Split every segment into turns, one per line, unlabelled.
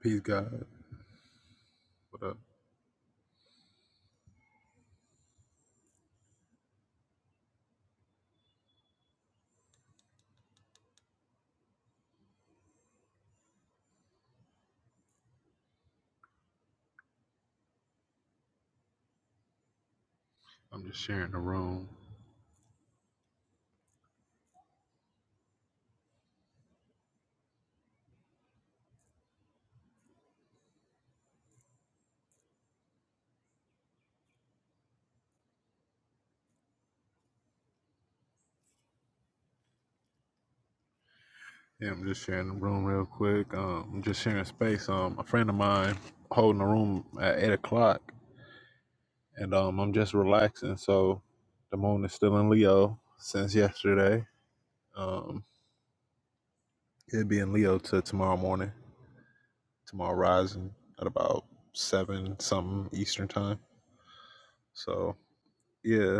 Peace, God. What up? I'm just sharing the room. Yeah, I'm just sharing the room real quick. Um, I'm just sharing space. Um, a friend of mine holding the room at eight o'clock, and um, I'm just relaxing. So the moon is still in Leo since yesterday. Um, it'll be in Leo till tomorrow morning. Tomorrow rising at about seven something Eastern time. So yeah,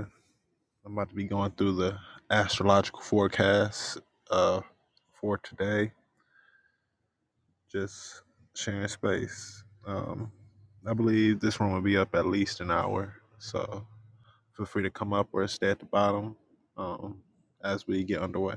I'm about to be going through the astrological forecast uh for today just sharing space. Um, I believe this room will be up at least an hour, so feel free to come up or stay at the bottom um, as we get underway.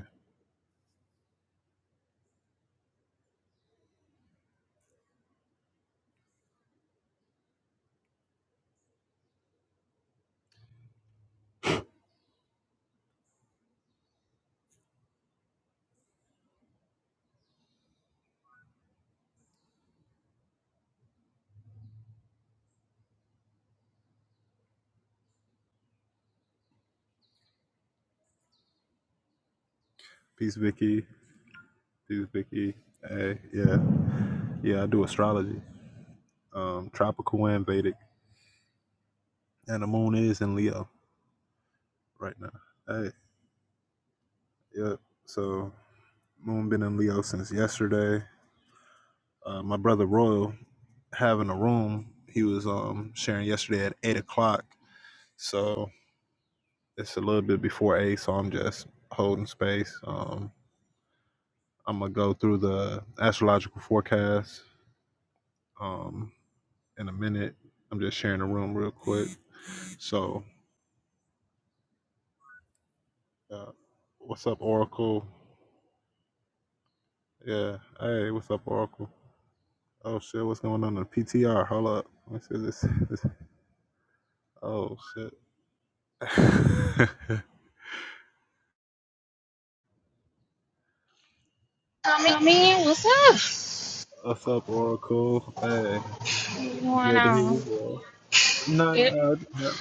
Peace, Vicky. Peace, Vicky. Hey, yeah, yeah. I do astrology, um, tropical and Vedic, and the moon is in Leo right now. Hey, yeah. So moon been in Leo since yesterday. Uh, my brother Royal having a room. He was um, sharing yesterday at eight o'clock. So it's a little bit before eight, so I'm just holding space. Um, I'm gonna go through the astrological forecast um, in a minute. I'm just sharing the room real quick. So, uh, what's up, Oracle? Yeah, hey, what's up, Oracle? Oh shit, what's going on in the PTR? Hold up, let me see this. this- Oh shit.
I mean, what's
What's up, Oracle? Hey,
up? What's going
good to hear
on?
you, boy. Nah,
It
nah, nah,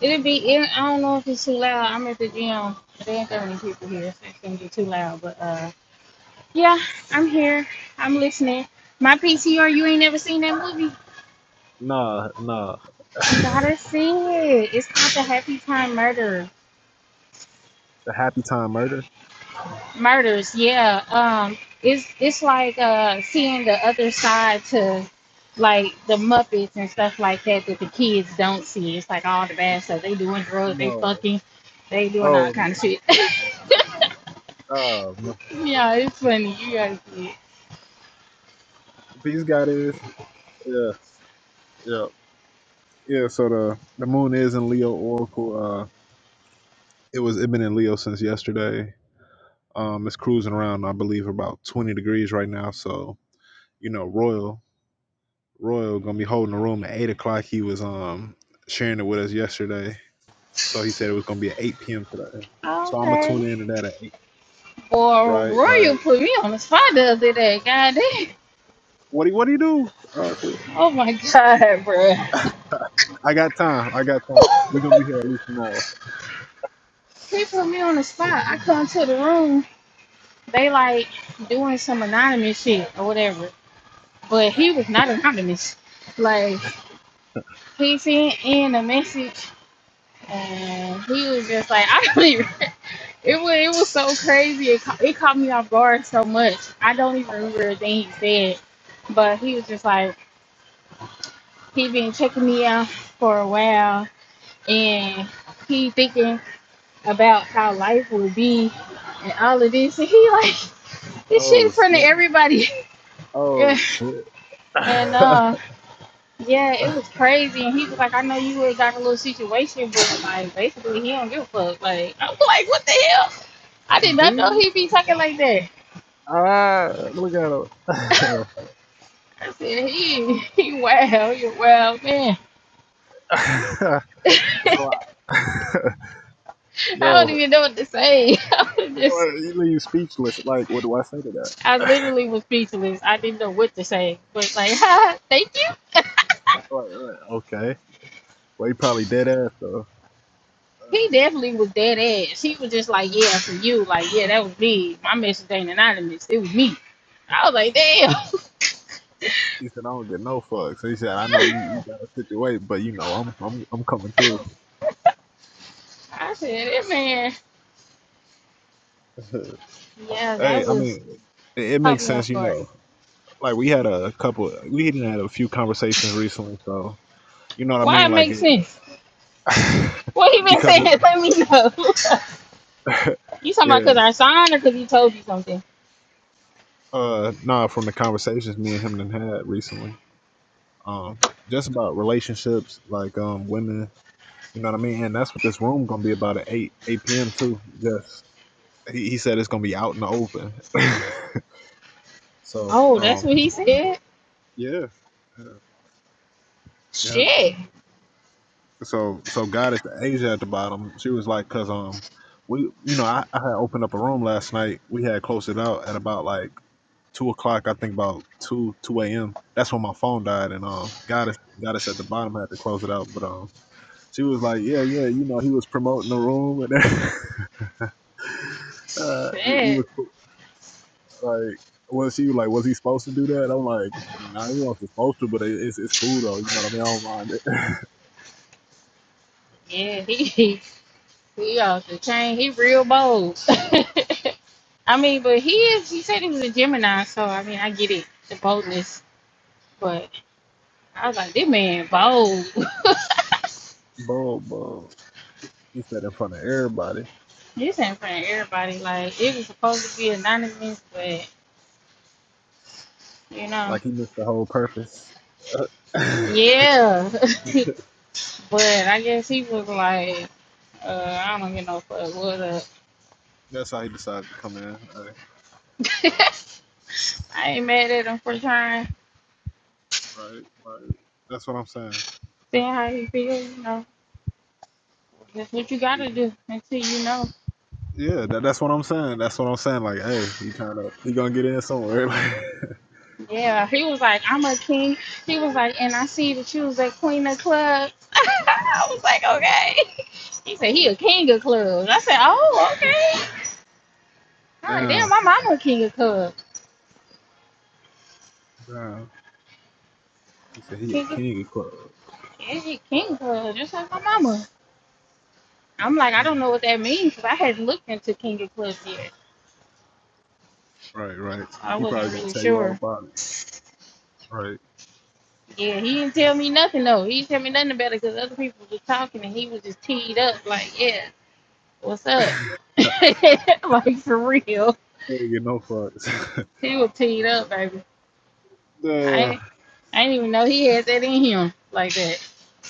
it'll be. It, I don't know if it's too loud. I'm at the gym. There ain't that many people here, so it's gonna be too loud. But uh, yeah, I'm here. I'm listening. My PTR. You ain't never seen that movie.
nah. nah.
You gotta see it. It's called The Happy Time Murder.
the Happy Time Murder.
murders yeah um it's it's like uh seeing the other side to like the muppets and stuff like that that the kids don't see it's like all the bad stuff they doing drugs they
No.
fucking they doing all
Um.
kind of shit
Um.
yeah it's funny you gotta see it
These guys. Yes. Yeah. Yeah. yeah, So the the moon is in Leo Oracle. Uh, it was it been in Leo since yesterday. Um, it's cruising around. I believe about twenty degrees right now. So you know, Royal Royal gonna be holding the room at eight o'clock. He was um sharing it with us yesterday. So he said it was gonna be at eight p.m. today. So I'm gonna tune
okay
in that at eight.
boy
Right. Right.
royal put me on the spot the other day god damn
What do What do you do? Uh, I said,
oh my god bro
"I got time. I got time. We're gonna be here at least an hour.
he put me on the spot i come to the room they like doing some anonymous shit or whatever but he was not anonymous. Like he sent in a message, and he was just like, I don't even. It was it was so crazy. It, ca- it caught me off guard so much. I don't even remember a thing he said, but he was just like he been checking me out for a while, and he thinking about how life would be and all of this, and he like this shit in
Oh,
front of
shit.
everybody,
Oh
and,
shit.
and, uh. Yeah, it was crazy. And he was like, I know you had got a little situation, but like basically he don't give a fuck. Like I was like, what the hell? I did not know
Ding.
he'd be talking like that.
Ah, look at him.
I said, he he wow, you wow man.
so, I,
I don't
yo,
even know what to say. I was
like,
just
you leave speechless. Like, what do I say to that?
I literally was speechless. I didn't know what to say. But like, ha, thank you.
Like, like, okay. Well, he probably dead ass though.
He definitely was dead ass. He was just like, Yeah, for you, like, yeah, that was me. My message ain't anonymous. It was me. I was like,
He said, "I don't get no fucks." He said, "I know you,
damn.
you got a situation, but you know, I'm, I'm, I'm coming through."
I said, that man, yeah,
Hey,
that
I
was
mean, it, it
caught
makes
me
sense,
off
you
guard.
know. Like we had a couple, we even had a few conversations recently, so you know what I
Why
mean.
it
Like,
makes sense?
it,
What he been
because
saying?
it,
Let me know. you talking about
yeah,
because I signed or because he told you something?
Uh, nah, from the conversations me and him done had recently, um, just about relationships, like um, women. You know what I mean? And that's what this room gonna be about at eight eight p.m. too. Just he, he said it's gonna be out in the open. so
Oh,
um,
that's what he said?
yeah, yeah, yeah.
Shit.
So so got at the Asia at the bottom. She was like, cause um, we you know I, I had opened up a room last night. We had closed it out at about like. two o'clock, I think about two two a.m. That's when my phone died, and um, got us got us at the bottom. I had to close it out, but um, she was like, yeah, yeah, you know, he was promoting the room, and uh, he, he
Shit.
was like, was she was like, was he supposed to do that? I'm like, nah, he wasn't supposed to, but it, it's it's cool though. You know what I mean? I don't mind it.
Yeah, he, he off the chain. He real bold. I mean, but he is, he said he was a Gemini, so I mean, I get it, the boldness. But I was like, this man bold.
Bro, bro, he said in front of everybody,
this ain't for everybody. Like, it was supposed to be anonymous, but. you know.
like he missed the whole purpose. That's
Yeah. but I guess he was like, uh, I don't get no fuck what up.
how he decided to come in. Right,
I ain't mad at him for trying,
right. right. That's what I'm saying.
seeing how he feels, you know. That's what you
Yeah.
gotta do until you know.
Yeah, that, that's what I'm saying. That's what I'm saying. Like, hey, he trying to he gonna get in somewhere.
Yeah, he was like, I'm a king. He was like, and I see that you was a queen of clubs. I was like, okay. He
Like,
said he
oh,
a king of clubs. I said, oh, okay. All right, damn,
damn,
my mama a king of clubs.
damn. He said he a
King of,
king of clubs.
yeah, she king of clubs, just like my mama. I'm like, I
Mm.
don't know what that means because I hadn't looked into King of Clubs yet.
Right, right.
So I
He
wasn't
probably gonna
really
tell you all
sure.
about it. Right.
Yeah, he didn't tell me nothing though. He didn't tell me nothing about it because other people were talking and he was just teed up like, yeah, what's up? like for real,
he ain't get no fucks.
he was teed up, baby.
Duh.
I I didn't even know he had that in him like that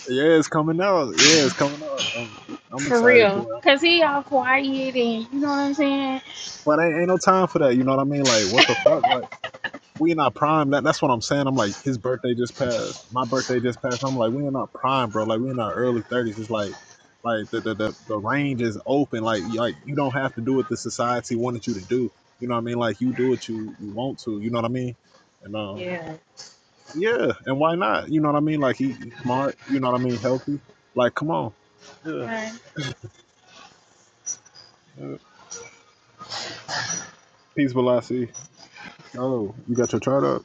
yeah, it's coming out. Yeah, it's coming out. I'm, I'm
for
excited for
real.
it.
Cause he all quiet and you know what I'm saying?
But ain't, ain't no time for that. You know what I mean? Like, what the fuck? Like, we in our prime. That, that's what I'm saying. I'm like, his birthday just passed. My birthday just passed. I'm like, we in our prime, bro. Like we in our early thirties. It's like, like the, the the the range is open. Like you- like you don't have to do what the society wanted you to do. You know what I mean? Like you do what you you want to. You know what I mean? And um,
Yeah.
yeah. And why not? You know what I mean? Like he, he smart. You know what I mean? Healthy. Like come on. Yeah.
Like,
yeah. Peace, Velocity. Oh, you got your chart up?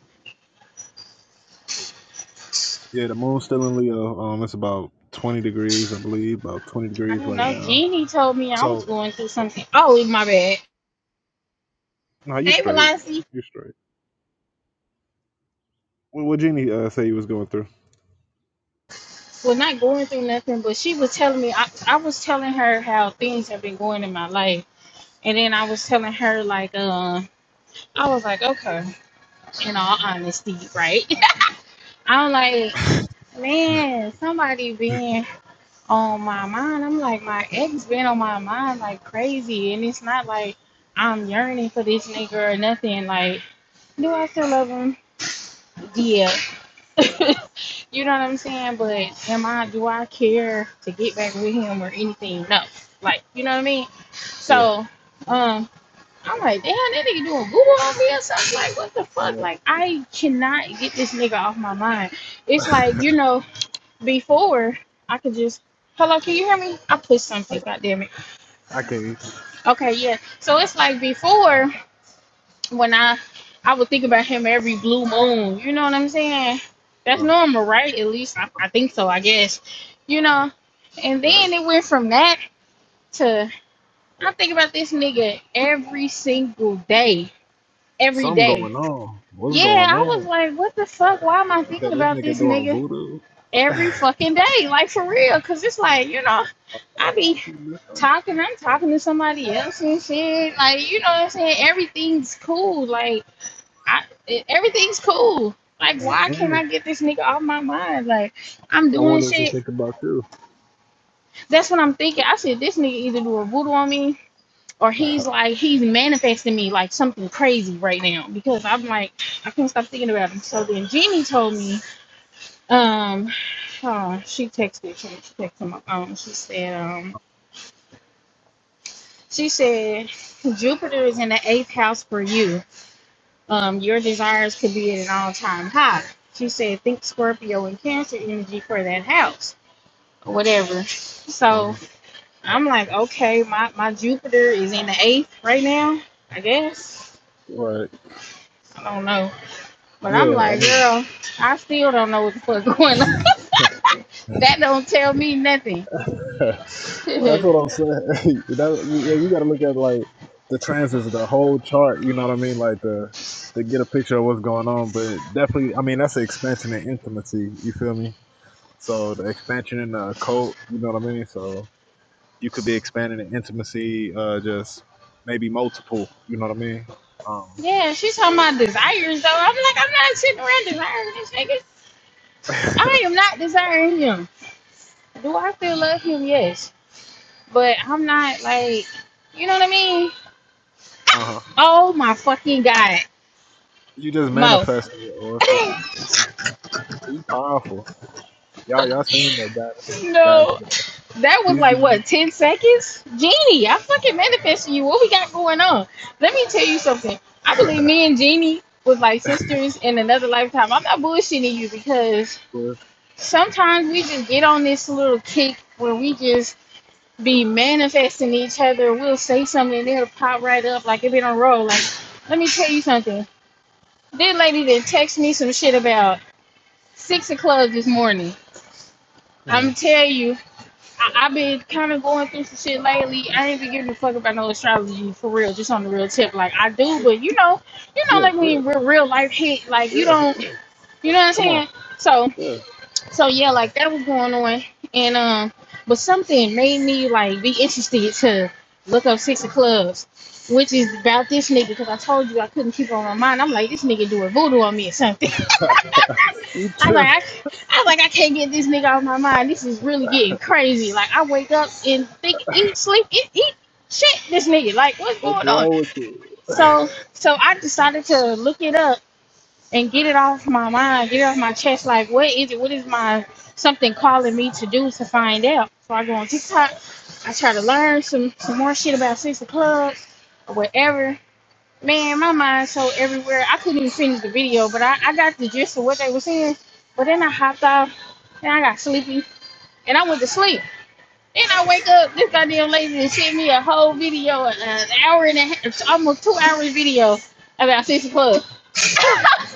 Yeah, the moon's still in Leo. Um, it's about 20 degrees, I believe, about 20
I
degrees
don't
right
know.
now.
Jeannie told me I was
So
going through something. Oh, my bad.
Nah, you
Hey,
straight.
Velocity.
You straight. What what Genie uh, say you was going through?
well, not going through nothing, but she was telling me, I, I was telling her how things have been going in my life. And then I was telling her, like, uh, I was like, okay, in all honesty, right? I'm like,
yeah,
man, somebody been on my mind. I'm like, my ex been on my mind like crazy. And it's not like I'm yearning for this nigga or nothing. Like, do I still love him? Yeah. you know what I'm saying? But am I do I care to get back with him or anything? No. Like, you know what I mean? So, um, I'm like, damn, that nigga doing Google on me or something. Like, what the fuck?
uh,
Like, I cannot get this nigga off my mind. It's like, you know, before I could just Hello, can you hear me? I pushed
I,
something, god damn it.
I can't.
Okay, yeah. So it's like before when I I would think about him every blue moon. You know what I'm saying? That's
Uh,
normal, right? At least I, I think so. I guess, you know. And
right,
then it went from that to I think about this nigga every single day, every
something
day.
going on. What's
Yeah,
going
I was
on?
like, what the fuck? Why am I
You said
thinking
this
about
nigga
this
doing
nigga
voodoo.
every fucking day? Like for real? Cause it's like you know, I be talking. I'm talking to somebody else and shit. Like you know what I'm saying? Everything's cool. Like I it, everything's cool. Like, why can't
Uh-uh.
I get this nigga off my mind? Like, I'm
I
doing
want us to
shit.
think about you.
That's what I'm thinking. I said this nigga either do a voodoo on me or he's like he's manifesting me like something crazy right now because I'm like I can't stop thinking about him. So then Jeannie told me, um, oh, she texted she texted my phone. She said, um, she said Jupiter is in the eighth house for you. Um, your desires could be at an all time high. She said, think Scorpio and Cancer energy for that house or whatever. So
Uh,
I'm like, okay, my, my Jupiter is in the eighth right now, I guess.
right.
I don't know. But I'm
Yeah, I
like,
mean,
girl, I still don't know what the fuck going on. that don't tell me nothing.
that's what I'm
yeah,
saying. that, yeah, you got to look at like the transits, the whole chart. You know what I mean? Like the to get a picture of what's going on. But definitely, I mean, that's an expansion in intimacy. You feel me? So the expansion in the occult, you know what I mean? So you could be expanding in intimacy, uh, just maybe multiple, you know what I mean? Um,
she's talking about desires though. I'm like, I'm not sitting around desiring this nigga. I am not desiring him. Do I still love him? Yes. But I'm not like, you know what I mean?
uh huh.
Oh my fucking god,
You just
Mo.
manifested it, Oracle. You powerful. Y'all, y'all seen that God, guys,
no, that was
he's
like
giving
what ten seconds, Jeannie. I fucking manifested you. What we got going on? Let me tell you something. I believe me and Jeannie was like sisters in another lifetime. I'm not bullshitting you because
for,
sometimes we just get on this little kick where we just be manifesting each other. We'll say something and it'll pop right up like it been on roll. Like, let me tell you something. This lady that texted me some shit about six o'clock this morning. I'm
um,
tell you, I, I've been kind of going through some shit lately. I ain't been giving a fuck about no astrology for real, just on the real tip. Like I do, but you know, you know,
yeah,
like
yeah,
when real, real life hit, like you
yeah.
don't, you know what I'm
Come on.
saying? So
Yeah.
so yeah, like that was going on, and um, but something made me like be interested to look up Six of Clubs, which is about this nigga because I told you I couldn't keep on my mind. I'm like, this nigga doing voodoo on me or something.
You
I was like,
trip.
I, I was like, I can't get this nigga out of my mind. This is really getting crazy. Like, I wake up and think, eat, sleep, eat, eat, shit, this nigga. Like, what's
What's
going on?
wrong with you?
So, so I decided to look it up and get it off my mind, get it off my chest. Like, what is it? What is my something calling me to do to find out? So I go on TikTok. I try to learn some some more shit about sister clubs or whatever. Man, my mind's so everywhere. I couldn't even finish the video, but I, I got the gist of what they were saying. But then I hopped off and I got sleepy and I went to sleep. Then I wake up this goddamn lady and send me a whole video, an hour and a half, almost two hours video about six o'clock.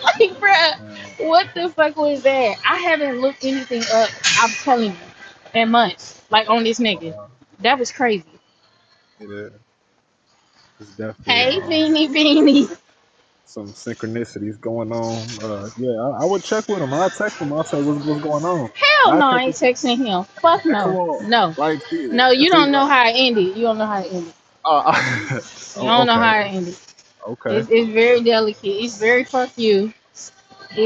like, bruh,
Man,
what the fuck was that? I haven't looked anything up. I'm telling you, in months, like on this nigga.
wow.
That was crazy.
it is. It's definitely,
Hey,
um,
Beanie Beanie.
some synchronicities going on. Uh, yeah, I, I would check with him. I'll text him. I'll say, what's, what's going on?
Hell
I
no, I
check
ain't texting him. Fuck
Hey, come
no,
on.
no,
Like,
no. You
see,
don't know
like,
how it ended. You don't know how it ended.
uh,
You
oh,
don't know
okay,
how it ended.
okay,
It's, it's very delicate. It's very fuck you.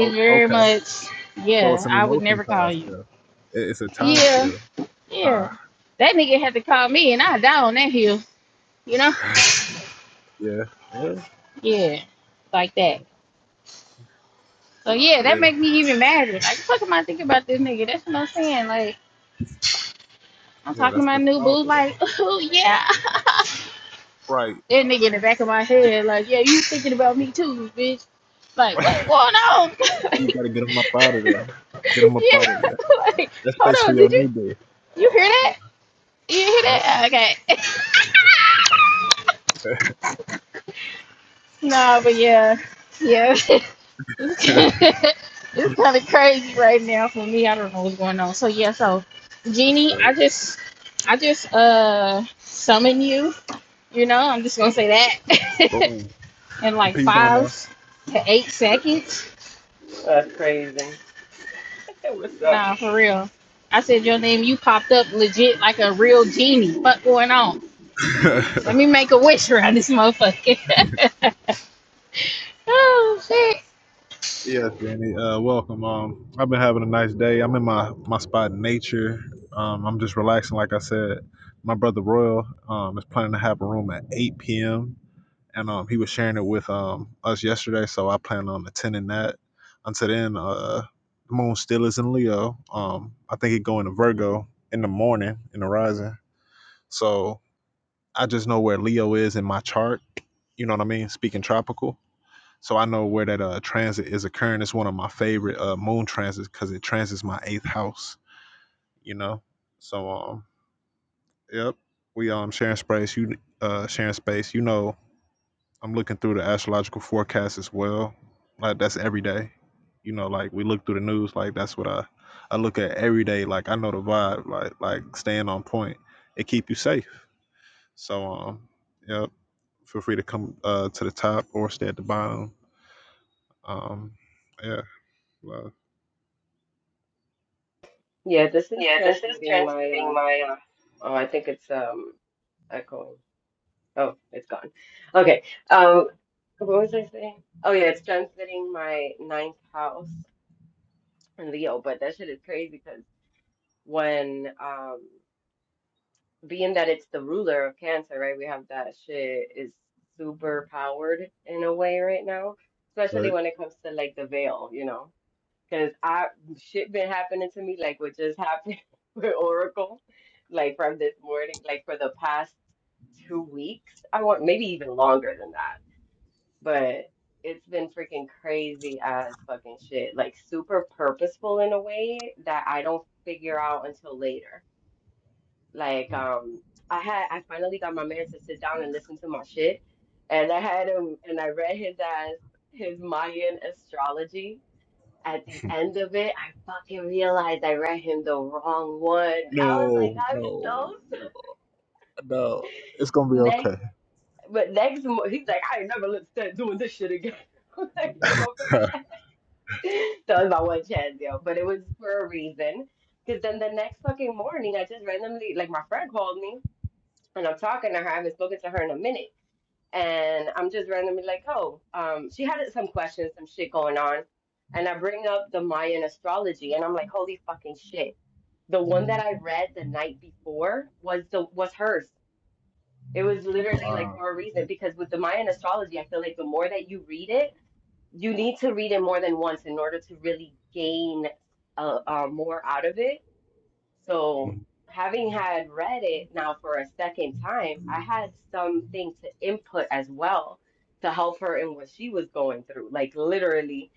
oh,
very
okay.
much,
So it's
yeah,
some
I would
emotion
never
tie
call you.
still. It, it's a tie
Yeah,
still. Uh,
yeah. That nigga had to call me and I die on that hill, you know?
yeah, yeah,
Yeah, like that. So yeah,
yeah,
that make me even madder. Like, the fuck am I thinking about this nigga? That's what I'm saying. Like, I'm
yeah.
talking to
That's
my
good.
new boo,
powerful
like,
though.
oh yeah.
Right.
That nigga in the back of my head, like, yeah, you thinking about me too, bitch. Like, what's going on?
you
like,
gotta get them up out of there.
yeah,
Get them up out of there.
like,
That's
hold
space for
on,
your
did
new
you,
dude.
you hear that? You hear
Yeah. Yep.
that? Okay. no, but yeah, yeah. it's kind of crazy right now for me. I don't know what's going on. So yeah, so
That's
genie, I
great.
just, I just uh summon you. You know, I'm just gonna say that
Boom.
in
And
like
peace,
five
Donna.
to eight seconds.
Well, that's crazy. What's up?
Nah, for real. I said your name. You popped up legit like a real genie. Fuck going on? Let me make a wish around this motherfucker. oh shit.
Yeah, Danny. Uh, welcome. Um, I've been having a nice day. I'm in my my spot, nature. Um, I'm just relaxing, like I said. My brother Royal um, is planning to have a room at 8 p.m. and um, he was sharing it with um, us yesterday, so I plan on attending that. Until then, uh, the moon still is in Leo. Um, I think it going to Virgo in the morning in the rising. So I just know where Leo is in my chart. You know what I mean? Speaking tropical. So I know where that uh, transit is occurring. It's one of my favorite uh, moon transits because it transits my eighth house. You know, so um, yep, we um sharing space. You uh sharing space. You know, I'm looking through the astrological forecast as well. Like that's every day. You know, like we look through the news. Like that's what I I look at every day. Like I know the vibe. Like like staying on point. It keep you safe. So um, yep. Feel free to come uh to the top or stay at the bottom. Um, yeah. love.
Yeah, this is
Yeah, this is
transmitting my
transmitting
uh
my.
oh, I think it's um echoing. Oh, it's gone. Okay. Um what was I saying? Oh yeah, it's transmitting my ninth house in Leo, but that shit is crazy because when um being that it's the ruler of Cancer, right? We have that shit is super powered in a way right now,
Uh,
especially
right?
when it comes to like the veil, you know. Cause I shit been happening to me like what just happened with Oracle, like from this morning, like for the past two weeks. I want maybe even longer than that, but it's been freaking crazy as fucking shit. Like super purposeful in a way that I don't figure out until later. Like um, I had I finally got my man to sit down and listen to my shit, and I had him and I read his ass his Mayan astrology at the end of it, I fucking realized I read him the wrong one. I was like,
No,
I'm
no,
so
no. It's gonna be
sorry.
okay.
next, but next mo- he's like, I ain't never let start doing this shit again. I'm like, yo, my bad. That was my one chance, yo. But it was for a reason. Because then the next fucking morning, I just randomly, like, my friend called me and I'm talking to her. I haven't spoken to her in a minute. And I'm just randomly like, oh, um, she had some questions, some shit going on. And I bring up the Mayan astrology and I'm like, holy fucking shit. The one that I read the night before was the was hers. It was literally like
Wow.
for a reason because with the Mayan astrology, I feel like the more that you read it, you need to read it more than once in order to really gain uh, uh, more out of it. So having had read it now for a second time, I had something to input as well to help her in what she was going through. Like literally,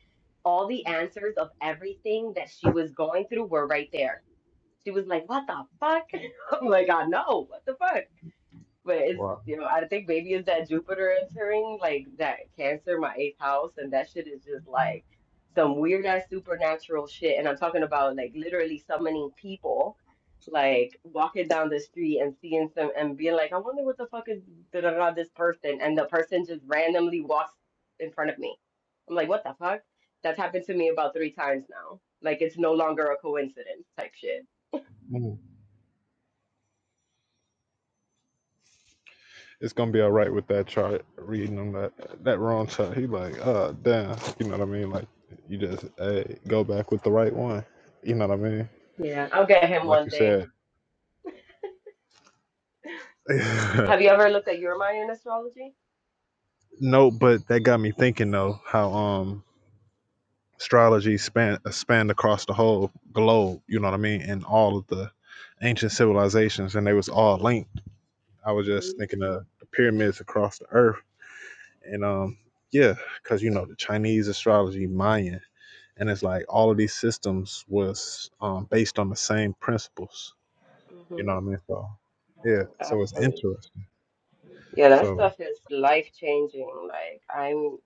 all the answers of everything that she was going through were right there she was like, "What the fuck?" I'm like, "I know, what the fuck?" But it's
Wow.
you know, I think maybe it's that Jupiter entering like that Cancer, my eighth house, and that shit is just like some weird ass supernatural shit. And I'm talking about like literally summoning people, like walking down the street and seeing some and being like, "I wonder what the fuck is da da da this person?" And the person just randomly walks in front of me. I'm like, "What the fuck?" That's happened to me about three times now. Like it's no longer a coincidence type shit.
Mm. It's gonna be all right with that chart reading on that that wrong chart. He like, uh damn. You know what I mean? Like you just hey, go back with the right one. You know what I mean?
Yeah, I'll get him
like
one
you
day.
said.
Have you ever looked at your Mayan astrology?
no, but that got me thinking though, how um astrology span spanned across the whole globe, you know what I mean, and all of the ancient civilizations and they was all linked I was just
hmm
thinking of the pyramids across the earth. And um, yeah, because you know the Chinese astrology, Mayan, and it's like all of these systems was um, based on the same principles. You
hmm
know what I mean? So yeah, so it's
Absolutely.
interesting.
Yeah, that
So
stuff is life changing. Like I'm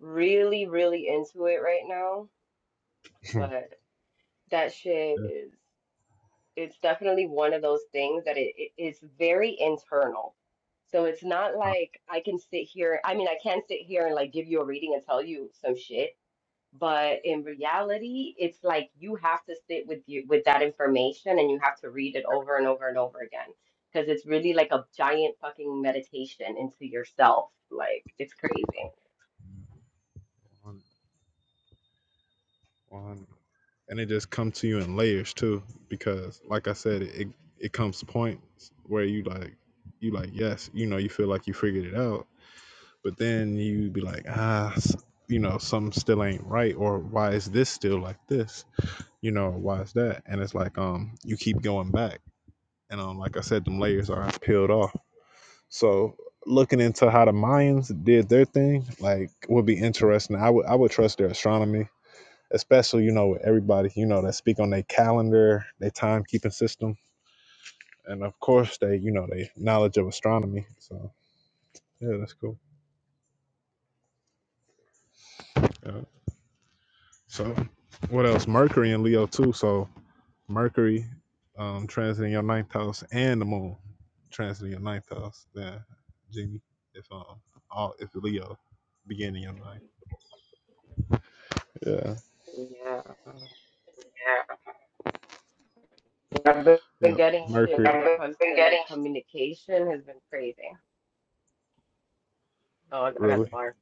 really, really into it right now,
that's
but that shit is it's definitely one of those things that it, it it's very internal. So it's not
not
like I can sit here. I mean, I can sit here and like give you a reading and tell you some shit, But in reality, it's like you have to sit with you with that information and you have to read it over and over and over again because it's really like a giant fucking meditation into yourself. Like it's crazy.
100, and it just comes to you in layers too, because like I said, it it comes to points where you like you like yes, you know, you feel like you figured it out, but then you be like ah s- you know something still ain't right or why is this still like this you know why is that and it's like um you keep going back and um like i said them layers are peeled off so looking into how the mayans did their thing like would be interesting i would i would trust their astronomy especially you know with everybody you know that speak on their calendar their timekeeping system and of course they you know they knowledge of astronomy so yeah that's cool Yeah. So, what else? Mercury in Leo too. So Mercury um transiting your ninth house and the moon transiting your ninth house. Yeah, Jimmy, if um all if Leo beginning your ninth. Yeah.
Yeah. I've been
Yeah.
been
Yep.
getting shit
Mercury. Yeah,
when
I've
it comes
been
to like
getting
communication has been crazy. Oh, I I got the
Really?
bar.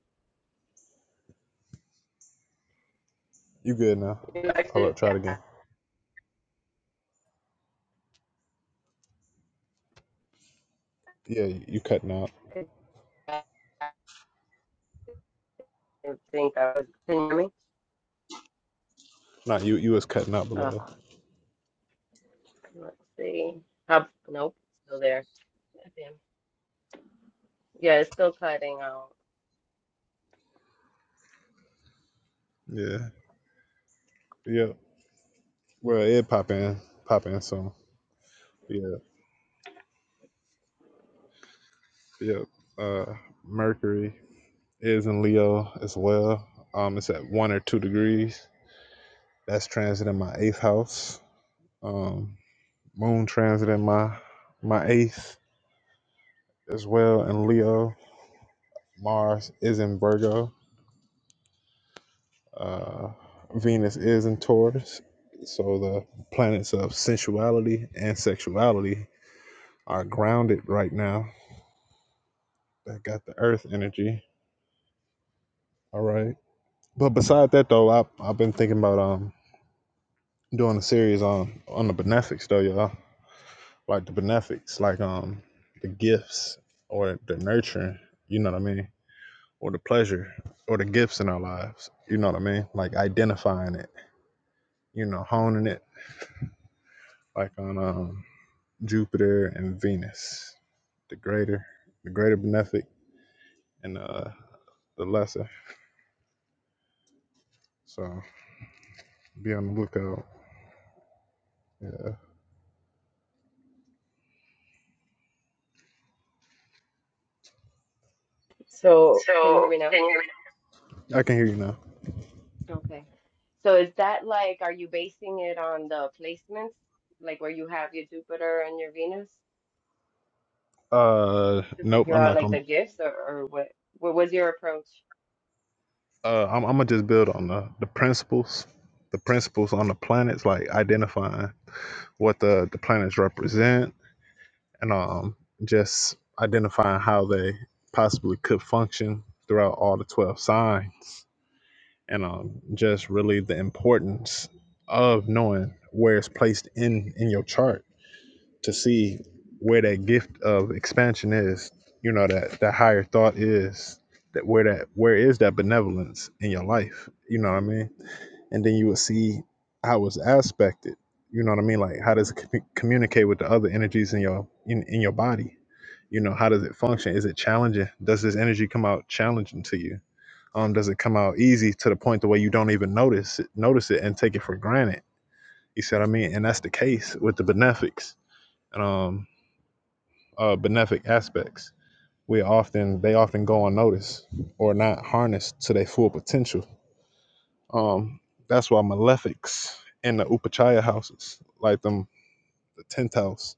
You good now?
You know,
Hold
Actually,
up. Try
yeah,
it again. Yeah, you, you cutting out.
I I think I was. Can you hear me?
Not you. You was cutting out
Uh,
below.
let's see. How, nope, still there. Goddamn. Yeah, it's still cutting out.
Yeah. Yep. Well, it pop in. Pop in soon. Yeah. Yep. Uh, Mercury is in Leo as well. Um, it's at one or two degrees. That's transit in my eighth house. Um, moon transit in my my eighth as well in Leo. Mars is in Virgo. Uh, Venus is in Taurus. So the planets of sensuality and sexuality are grounded right now. That got the Earth energy. All right. But beside that though, I I've been thinking about um doing a series on on the benefics though, y'all like the benefics, like um the gifts or the nurturing, you know what I mean? Or the pleasure or the gifts in our lives. You know what I mean? Like identifying it, you know, honing it, like on um Jupiter and Venus. The greater the greater benefic and uh the lesser. So be on the lookout. Yeah.
So, can you hear
So
me now?
can you I can hear you now.
Okay. So, is that like, are you basing it on the placements, like where you have your Jupiter and your Venus
Uh
to
nope,
figure
I'm
out
not
like
gonna be.
the gifts or, or what? What was your approach?
uh, I'm, I'm gonna just build on the, the principles, the principles on the planets, like identifying what the, the planets represent, and um, just identifying how they possibly could function throughout all the twelve signs, and um, just really the importance of knowing where it's placed in in your chart to see where that gift of expansion is. You know that that higher thought is that where that where is that benevolence in your life. You know what I mean and then you would see how it's aspected. You know what I mean? Like how does it commu- communicate with the other energies in your in, in your body? You know, how does it function? Is it challenging? Does this energy come out challenging to you? Um, does it come out easy to the point the way you don't even notice it, notice it and take it for granted? You see what I mean? And that's the case with the benefics and um uh benefic aspects. We often they often go unnoticed or not harnessed to their full potential Um, that's why malefics in the Upachaya houses, like them, the tenth house,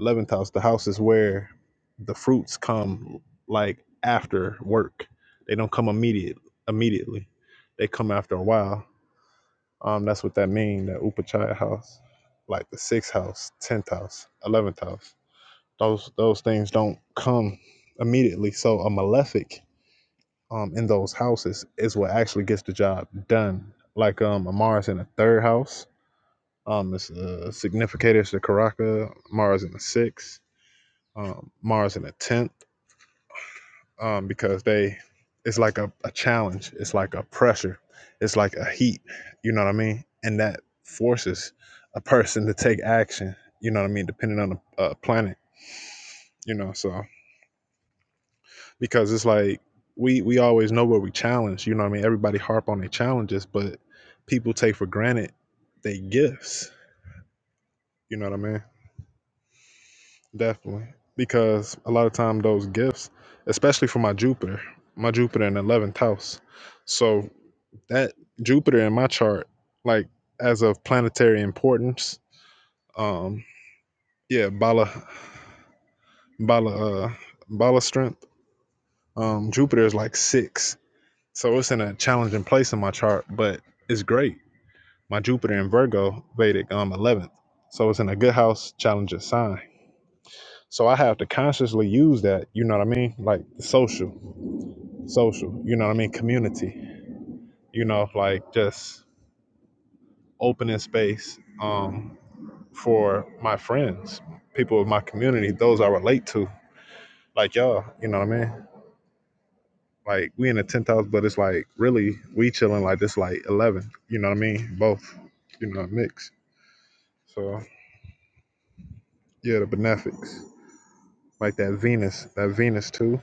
eleventh house, the houses where the fruits come like after work. They don't come immediate immediately. They come after a while. Um, that's what that mean. That Upachaya house, like the sixth house, tenth house, eleventh house. Those those things don't come immediately. So a malefic um in those houses is what actually gets the job done. Like um Amara's in the third house. Um it's a uh significators to Karaka, Mars in the sixth, um Mars in the tenth, um, because they it's like a, a challenge, it's like a pressure, it's like a heat, you know what I mean? And that forces a person to take action, you know what I mean, depending on the uh, planet, you know. So because it's like we we always know what we challenge. You know what I mean? Everybody harp on their challenges, but people take for granted they gifts. You know what I mean? Definitely. Because a lot of time those gifts, especially for my Jupiter, my Jupiter in eleventh house. So that Jupiter in my chart, like as of planetary importance, um, yeah, Bala Bala uh Bala strength. Um Jupiter is like six. So it's in a challenging place in my chart, but it's great My Jupiter in Virgo, Vedic, um, 11th. So it's in a good house, challenges sign. So I have to consciously use that, you know what I mean? Like social, social, you know what I mean? Community, you know, like just opening space um, for my friends, people of my community, those I relate to, like y'all, you know what I mean? Like we in the 10th house, but it's like really we chilling like this, like 11, you know what I mean? Both, you know, mix. So yeah, the benefics. like that Venus, that Venus too,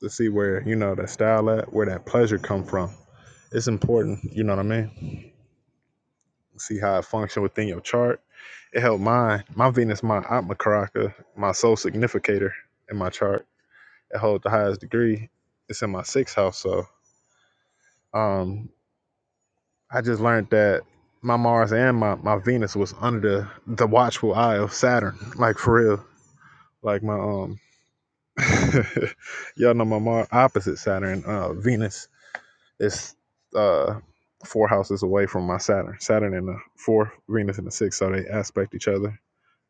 to see where you know that style at, where that pleasure come from. It's important, you know what I mean. See how it function within your chart. It helped mine, my Venus, my Atma Karaka, my soul significator in my chart. It holds the highest degree. It's in my sixth house, so um, I just learned that my Mars and my, my Venus was under the the watchful eye of Saturn, like for real. Like my um, y'all know my Mars opposite Saturn, uh, Venus It's uh, four houses away from my Saturn. Saturn in the fourth, Venus in the sixth, so they aspect each other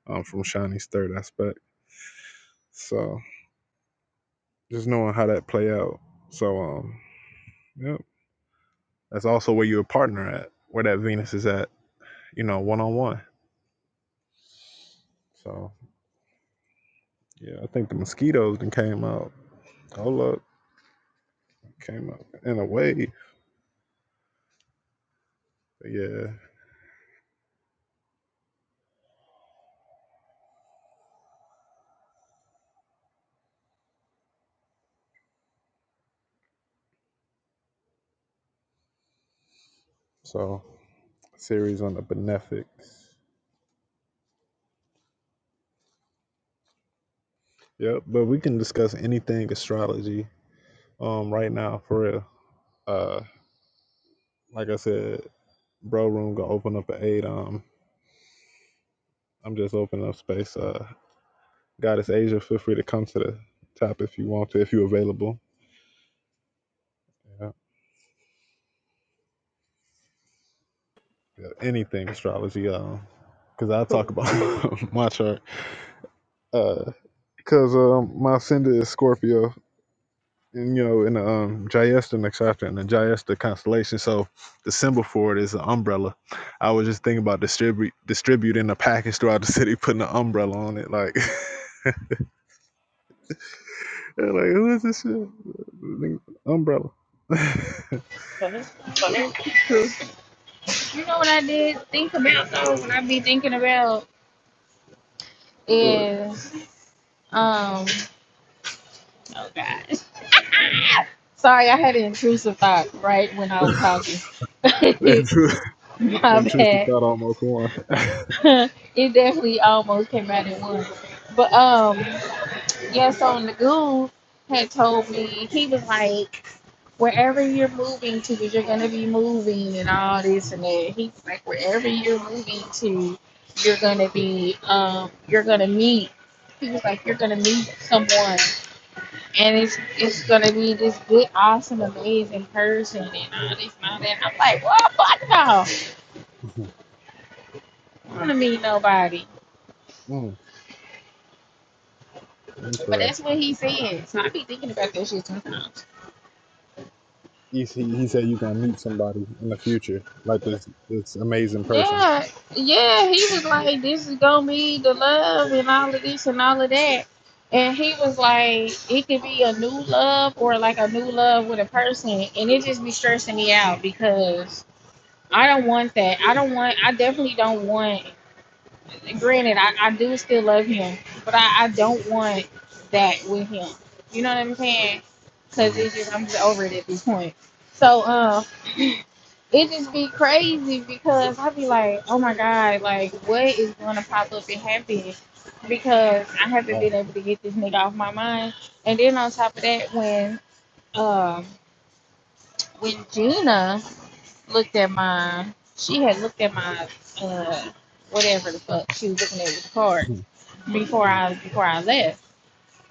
um, from Shani's third aspect. So just knowing how that play out. So um, yeah, that's also where your partner at, where that Venus is at. You know, one on one. So yeah, I think the mosquitoes then came out. Hold up, came out in a way. But yeah, so series on the benefics. Yep, but we can discuss anything astrology um right now for real. Uh. like I said, bro room gonna open up at eight. Um, I'm just opening up space. Uh, Goddess Asia, feel free to come to the top if you want to, if you're available. Yeah, yeah anything astrology. Um, cause I talk about my chart. Uh, cause um, my ascendant is Scorpio, and you know, in the um Jayesta next chapter, in the Jayesta constellation. So the symbol for it is an umbrella. I was just thinking about distribute distributing a package throughout the city, putting an umbrella on it, like. They're like, who is this shit? Umbrella.
What?
truth. You know what I did think about though? What I be thinking about
But
is um oh god. Sorry, I had an intrusive thought right when I was talking.
that truth,
My
that truth to
bad.
thought almost won.
it definitely almost came out at once. But um yes on the goon had told me he was like wherever you're moving to, because you're going to be moving and all this and that. He's like, wherever you're moving to, you're going to be, um, you're going to meet. He was like, you're going to meet someone, and it's it's going to be this good, awesome, amazing person, and all this and all that. And I'm like, well, fuck no, I don't want to meet nobody.
mm,
But that's
interesting.
what he said. So I be thinking about that shit sometimes.
he he said you're gonna meet somebody in the future, like this this amazing person.
Yeah, yeah, he was like, "This is gonna be the love and all of this and all of that," and he was like, "It could be a new love or like a new love with a person," and it just be stressing me out because I don't want that. I don't want. I definitely don't want. Granted, I, I do still love him, but I, I don't want that with him. You know what I'm saying? Because
hmm
it's just I'm just over it at this point. So um. it just be crazy because i be like, oh my God, like what is gonna pop up and happen? Because I haven't been
Oh.
able to get this nigga off my mind. And then on top of that, when um when Gina looked at my she had looked at my uh whatever the fuck she was looking at with the card
Hmm.
before
Hmm.
I before I left.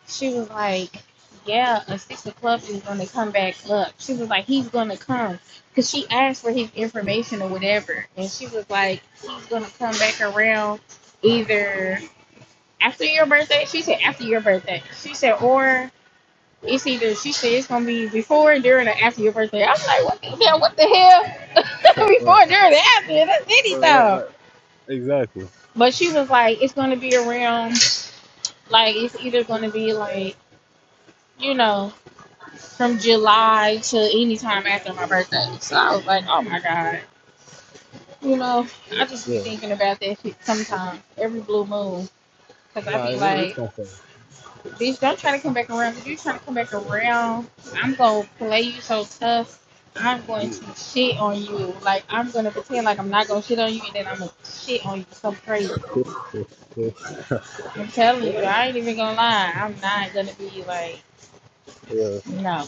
She was like, "Yeah, at six o'clock he's gonna come back up." She was like, "He's gonna come," cause she asked for his information or whatever, and she was like, "He's gonna come back around either after your birthday." She said, "After your birthday." She said, "Or." It's either she said it's gonna be before, during, or after your birthday. I was like, what the hell? What the hell?
right. right,
before, during, or after? That's
right,
any time.
right. Exactly.
But she was like, it's gonna be around. Like it's either gonna be like you know. from July to any time after my birthday. So I was like, oh my god, you know, I just be
Yeah.
thinking about that shit sometimes, every blue moon. Cause I
Nah, it,
be
it's
like,
gonna come.
bitch, don't try to come back around. Cause you try to come back around, I'm gonna play you so tough. I'm going
Ooh.
to shit on you. Like I'm gonna pretend like I'm not gonna shit on you, and then I'm gonna shit on you so crazy. I'm
yeah.
telling you, I ain't even gonna lie. I'm not gonna be like,
Yeah.
no.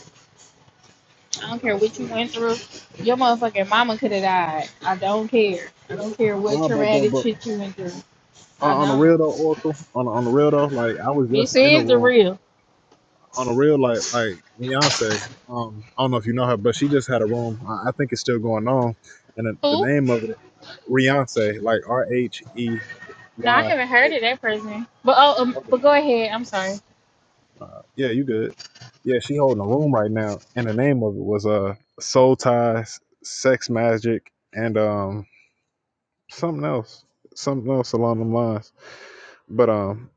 I don't care what you
Absolutely.
went through. Your motherfucking mama could have died. I don't care. I don't care what
Nah, but but
traumatic
but
shit you went through.
on
I
on the
don't.
real though, Oracle. On on the real though, like I was just
This
in a
is the
room.
real.
On the real, like like Beyonce. Um, I don't know if you know her, but she just had a room. I, I think it's still going on, and the, the
Who?
name of it, Beyonce, like R H E
No,
Y.
I haven't heard of that person. But oh, um, but go ahead. I'm sorry.
Uh, yeah, you good. Yeah, she holding a room right now, and the name of it was uh Soul Ties, Sex Magic, and um something else, something else along the lines. But um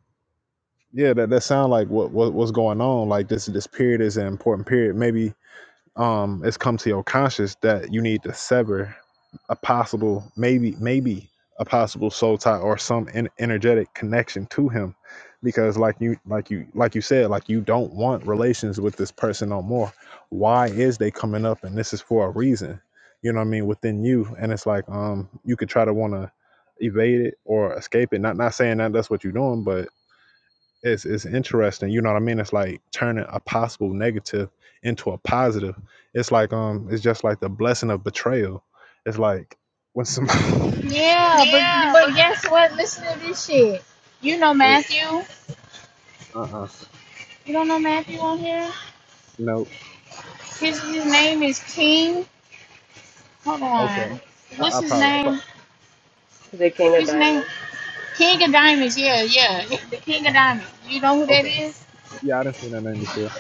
yeah, that that sound like what, what what's going on. Like this this period is an important period. Maybe um it's come to your conscious that you need to sever a possible maybe maybe a possible soul tie or some en- energetic connection to him because like you like you like you said like you don't want relations with this person no more why is they coming up and this is for a reason you know what i mean within you and it's like um you could try to want to evade it or escape it not not saying that that's what you're doing but it's it's interesting. You know what I mean? It's like turning a possible negative into a positive. It's like um, it's just like the blessing of betrayal. It's like when somebody.
Yeah, but
Yeah, but.
but guess what? Listen to this shit. You know
Uh
Matthew.
uh-uh. uh
You don't know Matthew on here.
No.
His his name is King. Hold
Okay.
on.
I,
What's
I
his
probably. I probably
name?
The King of
His name
Diamonds.
King of Diamonds. Yeah, yeah. He- The King of Diamonds. You know who that
okay.
is?
Yeah, I didn't see that name before.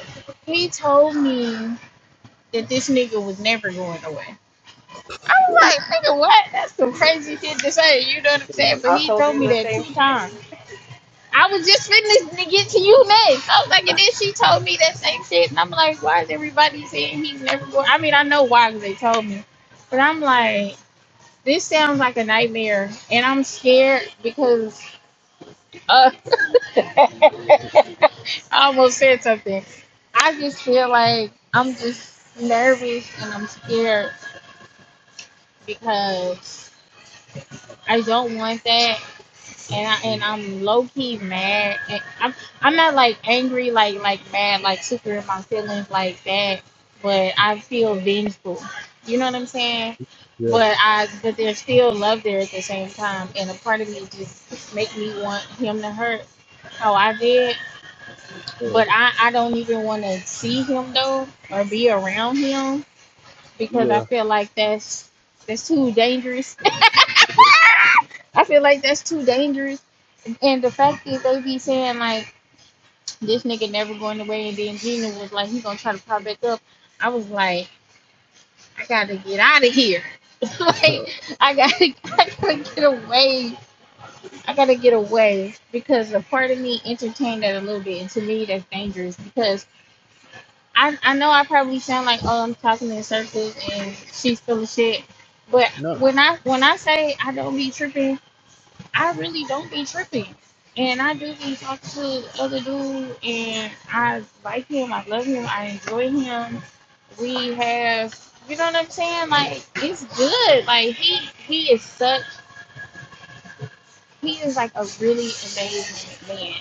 He told me. that this nigga was never going away. I was like, nigga, what? That's some crazy shit to say. You know what I'm
Yeah,
saying? But
I
he
told
told
you
Uh,
me
the
that
same
two
shit.
times. I was just finna to get to you next. I was like, and then she told me that same shit, and I'm like, why is everybody saying he's never going? I mean, I know why because they told me, but I'm like, this sounds like a nightmare, and I'm scared because uh, I almost said something. I just feel like I'm just nervous and I'm scared because I don't want that, and I and
mhm.
I'm low key mad. And I'm I'm not like angry, like like mad, like super in my feelings like that. But I feel vengeful. You know what I'm saying?
Yeah.
But I but there's still love there at the same time, and a part of me just make me want him to hurt how I did.
Uh,
But I I don't even want to see him though or be around him because I
yeah.
feel like that's that's too dangerous I feel like that's too dangerous. And the fact is, they be saying like this nigga never going away, and then Gina was like, he gonna try to pop back up. I was like, I gotta get out of here. like
yeah.
I gotta, I gotta get away. I gotta get away because a part of me entertained that a little bit, and to me that's dangerous because I, I know I probably sound like oh I'm talking in circles and she's full of shit, but
No.
when I when I say I don't be tripping I really don't be tripping. And I do be talking to other dude and I like him, I love him, I enjoy him. We have you know what I'm saying? Like it's good. Like he he is such he is like a really amazing man.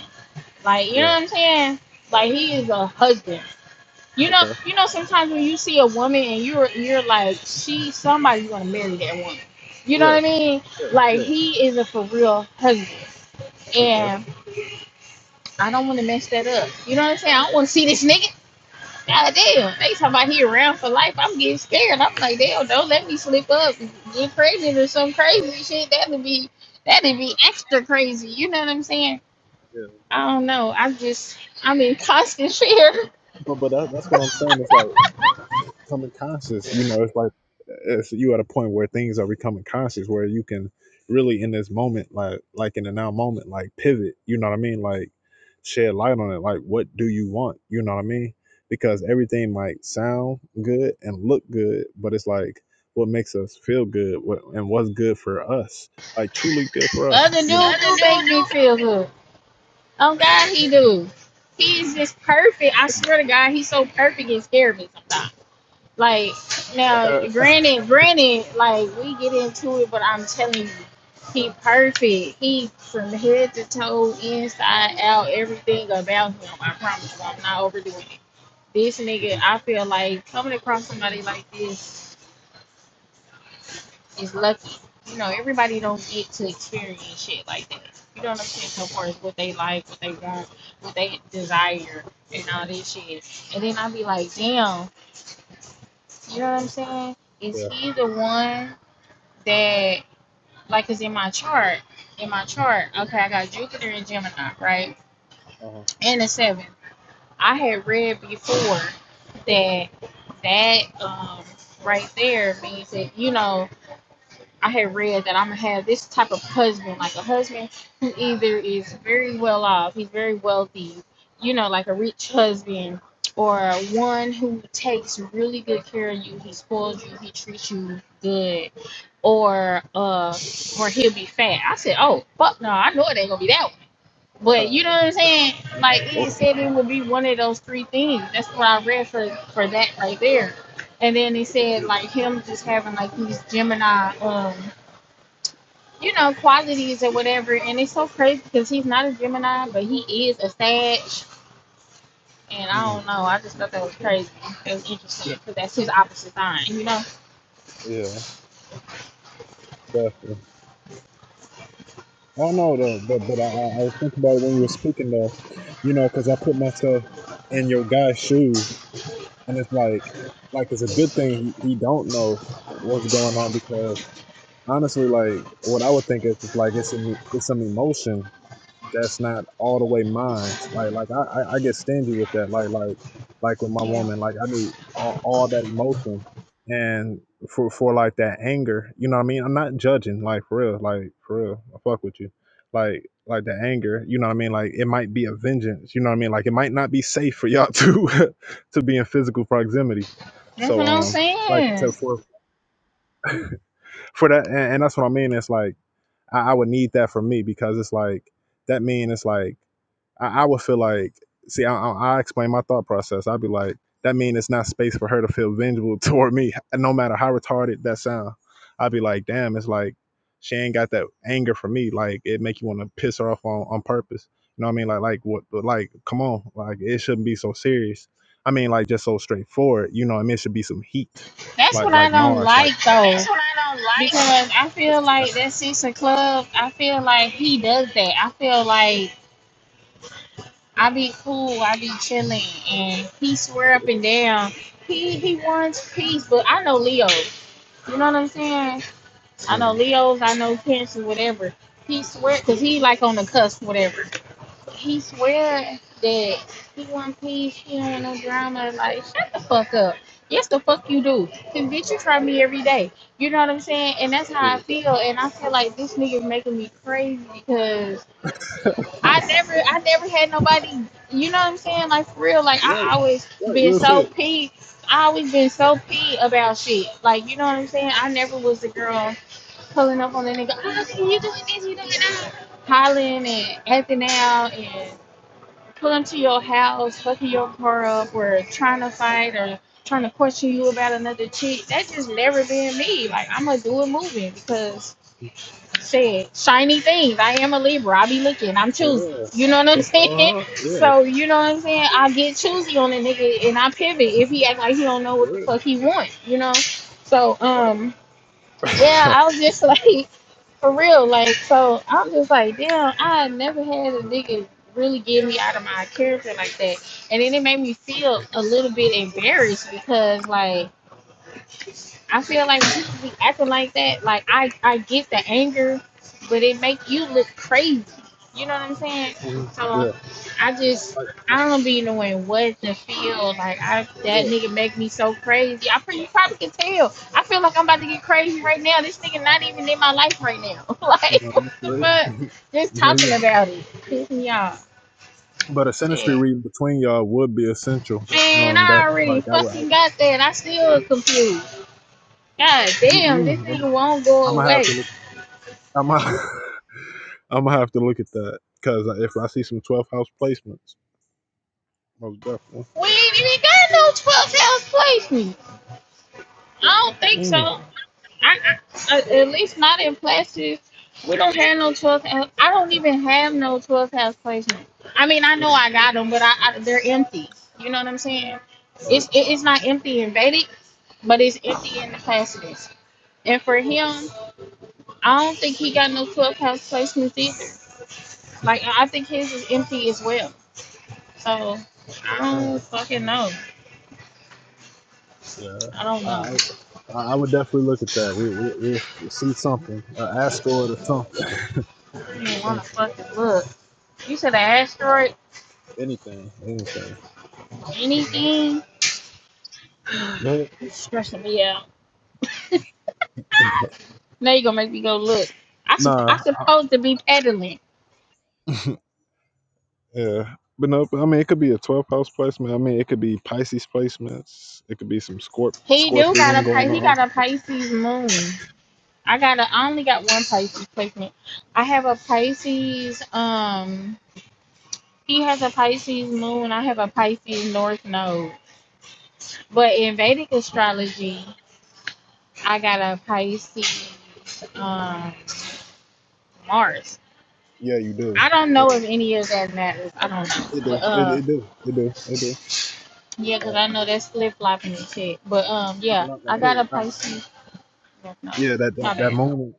Like you know
Yeah.
what I'm saying? Like he is a husband. You know,
Okay.
you know sometimes when you see a woman and you're you're like, she somebody's going to marry that woman. You know what
Yeah.
I mean?
Yeah.
Like
Yeah.
he is a for real husband.
Okay.
and. I don't want to mess that up. You know what I'm saying? I don't want to see this nigga. God damn, they talking about he around for life. I'm getting scared. I'm like, damn, don't let me slip up, and get crazy or some crazy shit. That'd be that'd be
Uh,
extra crazy. You know what I'm saying?
yeah.
I don't know. I just I'm in constant fear.
But, but that, that's what I'm saying. It's like. becoming conscious. You know, it's like it's you at a point where things are becoming conscious, where you can really in this moment, like like in the now moment, like pivot. You know what I mean? Like shed light on it. Like what do you want? You know what I mean? Because everything might sound good and look good, but it's like what makes us feel good what, and what's good for us, like truly good for us.
Other
You know?
dude
Other
do make me
dude,
feel good. Oh God, he do. He is just perfect. I swear to God, he's so perfect and scared me sometimes. Like now,
dude. Uh,
granted, granted, like we get into it, but I'm telling you, he perfect. He from head to toe, inside out, everything about him. I promise you, I'm not overdoing it. This nigga, I feel like coming across somebody like this is lucky. You know, everybody don't get to experience shit like that. You know what I'm saying? So far as what they like, what they want, what they desire, and all this shit. And then I be like, damn, you know what I'm saying? Is
yeah.
he the one that like is in my chart in my chart okay i got jupiter and gemini right
Uh-huh.
and the seventh i had read before that that um right there means that you know I had read that I'm gonna have this type of husband, like a husband who either is very well off, he's very wealthy, you know, like a rich husband, or one who takes really good care of you, he spoils you, he treats you good, or uh, or he'll be fat. I said, oh fuck no, I know it ain't gonna be that one. But you know
Uh,
what I'm saying? Like it
welcome
said, it would be one of those three things. That's what I read for for that right there. And then they said like him just having like these Gemini um you know, qualities or whatever. And it's so crazy because he's not a Gemini, but he is a Sag. And I
Mm,
don't know. I just thought that was crazy. It was
yeah,
interesting because that's his opposite sign, you know?
yeah, definitely. I don't know though, but but I, I I was thinking about it when you were speaking though, you know, because I put myself in your guy's shoes, and it's like, like it's a good thing he don't know what's going on because honestly, like what I would think is, is like it's an, it's some emotion that's not all the way mine. Like like I, I, I get stingy with that. Like like like with my
Yeah.
woman, like I need all, all that emotion and for for like that anger. You know what I mean? I'm not judging, like for real, like for real. I fuck with you. Like like the anger, you know what I mean? Like it might be a vengeance, you know what I mean? Like it might not be safe for y'all to to be in physical proximity.
That's
So
what I'm
um like
saying.
to for for that and, and that's what I mean. It's like I, I would need that for me because it's like that mean it's like I, I would feel like, see, I, I, I explain my thought process. I'd be like, that means it's not space for her to feel vengeful toward me, no matter how retarded that sound. I'd be like, damn, it's like she ain't got that anger for me. Like it make you want to piss her off on, on purpose. You know what I mean? Like, like what? Like, come on, like it shouldn't be so serious. I mean, like just so straightforward. You know what I mean? It should be some heat,
That's
like
what I
like
don't
Mars, like
like,
like.
though.
That's what I don't
Because I
like.
feel like that Six of Club, I feel like he does that. I feel like I be cool, I be chilling, and he swear up and down. He he wants peace, but I know Leo. You know what I'm saying? I know
Mhm.
Leo's, I know Cancer, whatever. He swear, cause he like on the cusp, whatever. He swear that he want peace, he don't want no drama. Like, shut the fuck up. Yes, the fuck you do. Cause bitch, you try me every day. You know what I'm saying? And that's how I
Yeah.
feel. And I feel like this nigga's making me crazy because I never, I never had nobody. You know what I'm saying? Like for real. Like I
Right,
always
right,
been
real
so
shit.
peeved. I always been so peeved about shit. Like you know what I'm saying? I never was the girl pulling up on that nigga. Oh, see, you doing this, you doing that. Hollering and acting out and pulling to your house, fucking your car up, or trying to fight or trying to question you about another chick. That just never been me. Like, I'm going to do a movie because, shit, shiny things. I am a Libra. I be looking. I'm choosy.
Yeah,
You know what I'm
uh
saying?
huh, yeah,
So, you know what I'm saying? I get choosy on a nigga and I pivot if he act like he don't know what
for
the
real.
fuck he want, you know? So,
Right.
um, yeah, I was just like, for real, like, so I'm just like, damn, I never had a nigga really get me out of my character like that, and then it made me feel a little bit embarrassed because, like. I feel like people be acting like that. Like I, I get the anger, but it make you look crazy. You know what I'm saying?
Mhm.
So
Yeah.
I just
Like,
I don't be knowing what to feel. Like I that
yeah.
nigga make me so crazy. I pretty you probably can tell. I feel like I'm about to get crazy right now. This nigga not even in my life right now.
You
like
know,
what
you
the
straight.
fuck? Just
no, you
talking
aren't.
about it. Piss me off.
But a sinistry
Shit.
reading between y'all would be essential.
Man,
Um, that
I already
like I would.
fucking
I,
got that. I still confused. God damn, this
mm-mm,
nigga won't
I'm
go
gonna have
away.
to look. I'm gonna. I'm gonna have to look at that because if I see some 12th house placements, most definitely.
We ain't even got no twelve ounce placement. I don't think
Mm,
so. I, I at at least not in plastic. We don't have no twelve ounce. I don't even have no twelve ounce placement. I mean, I know
mm,
I got them, but I, I they're empty. You know what I'm saying?
all
It's
right.
it, it's not empty in Vedic, but it's empty in the plastics. And for him, I don't think he got no twelve ounce placements either. Like I I think his is empty as well. So I
Mm,
don't fucking know.
yeah.
I don't know.
I, I I would definitely look at that. We we we will see something, an asteroid or something,
I don't want to
something
fucking look. You said an asteroid?
anything, anything.
Anything?
Yeah.
It's stressing me out. Now you gonna make me go look. I supp- I
Nah,
supposed to be peddling.
Yeah. But no, but I mean, it could be a 12th house placement. I mean, it could be Pisces placements. It could be some scorp
He do got
scorpism
a Pi-
going
he
on.
got a Pisces moon. I got a I only got one Pisces placement. I have a Pisces um he has a Pisces moon. I have a Pisces north node. But in Vedic astrology, I got a Pisces um Mars.
Yeah, you do.
I don't know
Yeah,
if any of that matters. I don't know.
it do.
But,
It,
uh,
it do. It do. It do.
Yeah, 'cause
Uh,
I know that's flip flopping and shit. But um,
I
yeah,
like that
I got a
'cause, uh,
Pisces. well, No,
yeah, that, that
my
that
bad.
moon.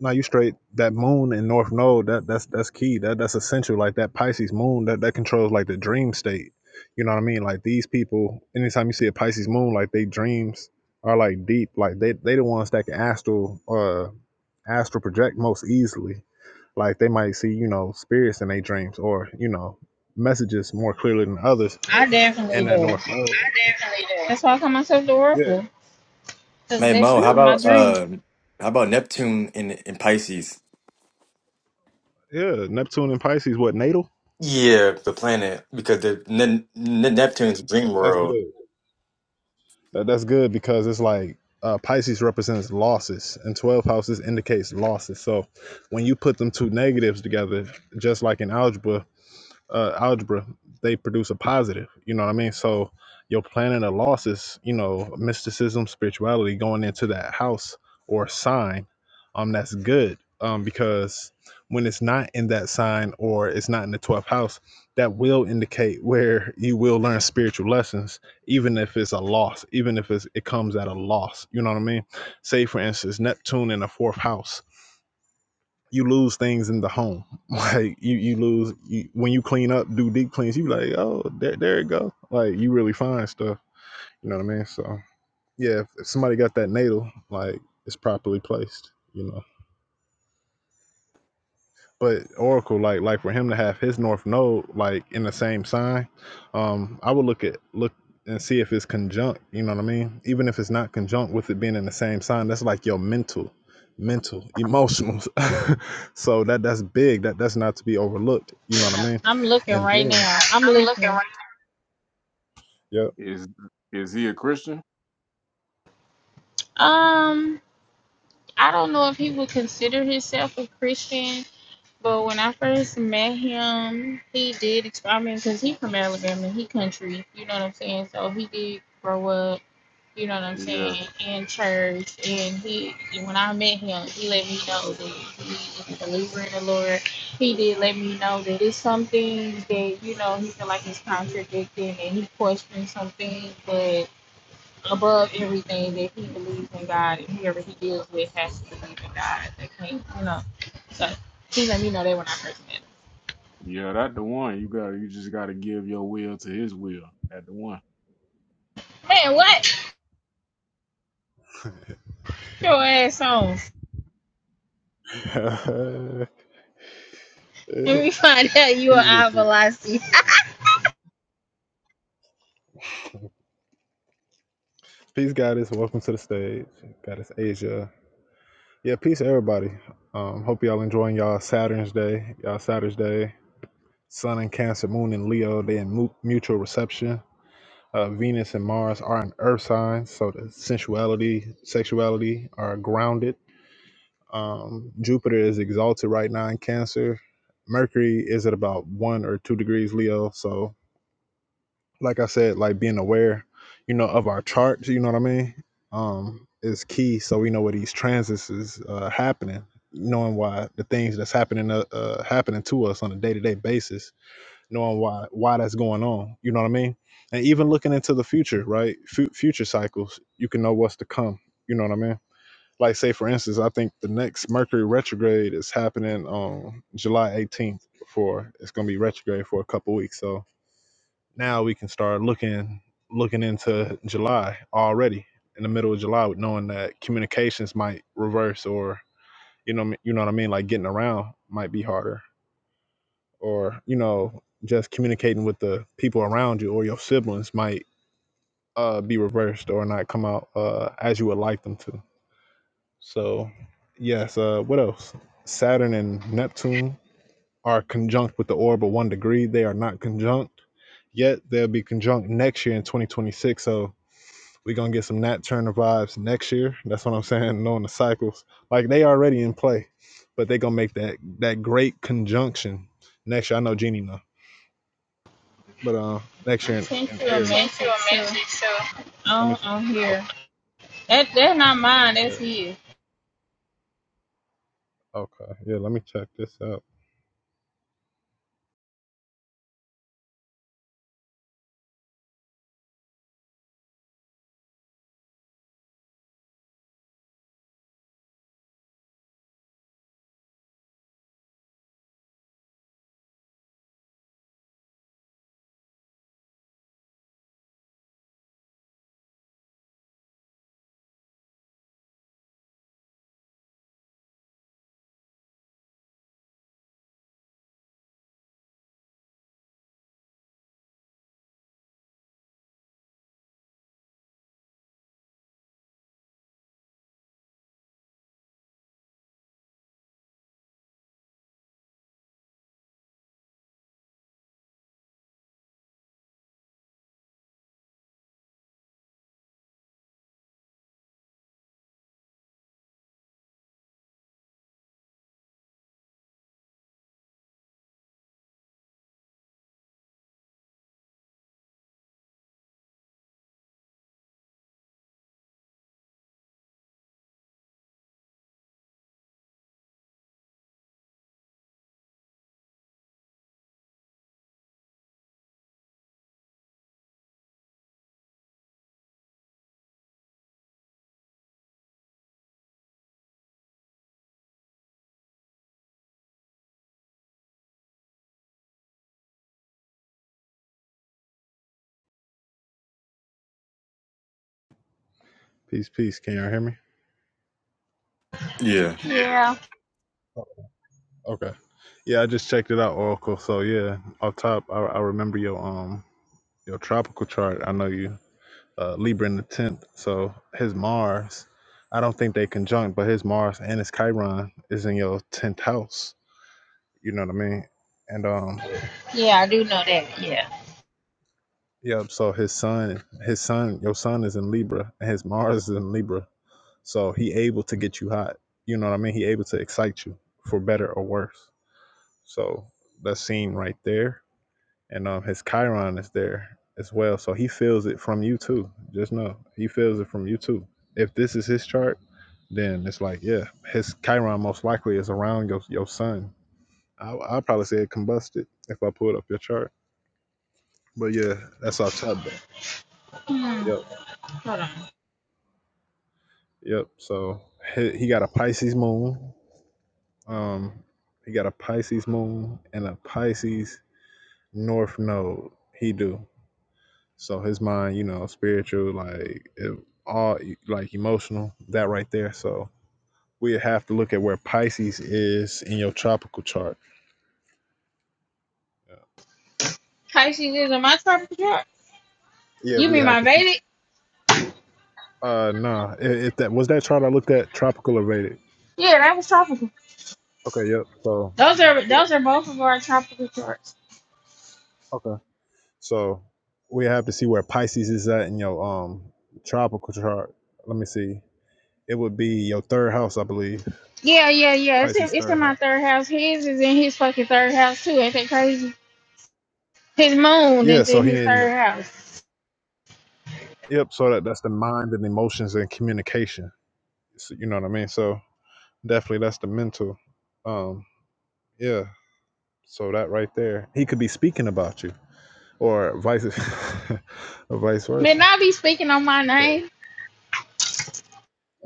No, you straight. That moon in North Node. That that's that's key. That that's essential. Like that Pisces moon. That that controls like the dream state. You know what I mean? Like these people. Anytime you see a Pisces moon, like they dreams are like deep. Like they they the ones that can astral uh astral project most easily Like they might see, you know, spirits in their dreams or, you know, messages more clearly than others
I
in
definitely
that
do.
north node. I definitely
That's why I call myself the
do.
Oracle, 'cause
Hey
that's
Mo, how
my
about
dream.
uh, how about Neptune in in Pisces?
Yeah, yeah, yeah. Neptune and Pisces, what natal?
Yeah, the planet because the ne ne Neptune's dream
That's
world.
good. That, that's good because it's like uh, Pisces represents losses, and twelve houses indicates losses. So when you put them two negatives together, just like in algebra, uh, algebra, they produce a positive. You know what I mean? So your planning of losses, you know, mysticism, spirituality going into that house or sign, um, that's good. Um, because when it's not in that sign or it's not in the twelfth house, that will indicate where you will learn spiritual lessons, even if it's a loss, even if it's, it comes at a loss. You know what I mean? Say for instance, Neptune in the fourth house you lose things in the home. Like you, you lose you, when you clean up, do deep cleans. You be like, oh, there, there it go. Like you really find stuff. You know what I mean? So yeah, if, if somebody got that natal, like it's properly placed. You know, But Oracle, like like for him to have his North Node like in the same sign, um, I would look at look and see if it's conjunct. You know what I mean? Even if it's not conjunct with it being in the same sign, that's like your mental, mental, emotional. so that that's big. That that's not to be overlooked. You know what I mean?
I'm looking
And
right
then
now. I'm
I'm looking
listening.
right. yep.
Is is he a Christian?
Um, I don't know if he would consider himself a Christian But when I first met him, he did. exp- I mean, cause he from Alabama, he country. You know what I'm saying? So he did grow up. You know what I'm
Yeah,
saying? In church, and he when I met him, he let me know that he is a believer in the Lord. He did let me know that it's some things that you know he feel like is contradicting, and he questioned some things, but above everything that he believes in God and whoever he deals with has to believe in God. They can't, you know. So he let me know that when I first met him.
yeah, that the one. You got you just got to give your will to His will. That the one.
Man, what? Get Your ass on. Let me find out you are
Peace,
out
Vicky.
velocity.
Peace, Goddess. Welcome to the stage, Goddess Asia. Yeah, peace to everybody. Um, hope y'all enjoying y'all Saturn's day, y'all Saturn's day. Sun and Cancer, Moon and Leo, they in mu- mutual reception. Uh, Venus and Mars are in Earth signs, so the sensuality, sexuality are grounded. Um, Jupiter is exalted right now in Cancer. Mercury is at about one or two degrees Leo, so like I said, like being aware, you know, of our charts, you know what I mean? Um, is key so we know where these transits is uh happening, knowing why the things that's happening uh, uh happening to us on a day-to-day basis, knowing why why that's going on, you know what I mean? And even looking into the future, right? Fu future cycles, you can know what's to come, you know what I mean? Like say for instance, I think the next Mercury retrograde is happening on July 18th for it's going to be retrograde for a couple weeks. So now we can start looking looking into July already in the middle of July, with knowing that communications might reverse, or you know, you know what I mean, like getting around might be harder, or you know, just communicating with the people around you or your siblings might uh, be reversed or not come out uh, as you would like them to. So, yes. Uh, what else? Saturn and Neptune are conjunct with the orb of one degree. They are not conjunct yet. They'll be conjunct next year in 2026. So We're gonna get some Nat Turner vibes next year. That's what I'm saying. Knowing the cycles. Like they already in play, but they gonna make that that great conjunction next year. I know Jeannie know. But um next
I
year in,
sent
in
you a
Aries. I Sent you
message
a
too.
message, so Let me
On on
see.
here. That that's not mine,
Okay.
that's his.
Yeah, okay. Yeah, let me check this out. Peace, peace. Can y'all hear me?
Yeah.
Yeah.
Yeah.
Okay. Yeah, I just checked it out, Oracle. So yeah, off top, I, I remember your um your tropical chart. I know you uh, Libra in the tenth. So his Mars, I don't think they conjunct, but his Mars and his Chiron is in your tenth house. You know what I mean? And um,
Yeah, I do know that. Yeah.
yep. So his son, his son, your son is in Libra, and his Mars is in Libra. So he able to get you hot. You know what I mean? He able to excite you for better or worse. So that's seen right there and um his Chiron is there as well. So he feels it from you too. Just know he feels it from you too. If this is his chart, then it's like yeah, his Chiron most likely is around your your sun. I I'd probably say it combusted if I pulled up your chart. But yeah, that's off top.
Hmm.
Yep,
Hold on.
yep. So he, he got a Pisces moon. Um, he got a Pisces moon and a Pisces north node. He do. So his mind, you know, spiritual, like it, all, e, like emotional, that right there. So we have to look at where Pisces is in your tropical chart.
Pisces is in my tropical chart.
Yeah, Yeah,
You
we
mean
have
my
to.
baby?
Uh, nah. If, if that was that chart I looked at, tropical evaded.
Yeah, that was tropical.
Okay, yep. So
Those are
yeah,
those are both of our tropical charts.
okay. So we have to see where Pisces is at in your um tropical chart. Let me see. It would be your third house, I believe.
Yeah, yeah, yeah. It's in,
Pisces
it's in
third
my
house.
third house. His is in his fucking third house too. Ain't that crazy? His moon
Yeah.
is
So
in
he
his
in.
third house.
Yep. So that, that's the mind and emotions and communication. So, you know what I mean? So definitely that's the mental. Um, yeah. So that right there, he could be speaking about you, or vice, or vice
Man,
versa.
I be speaking on my
So,
name.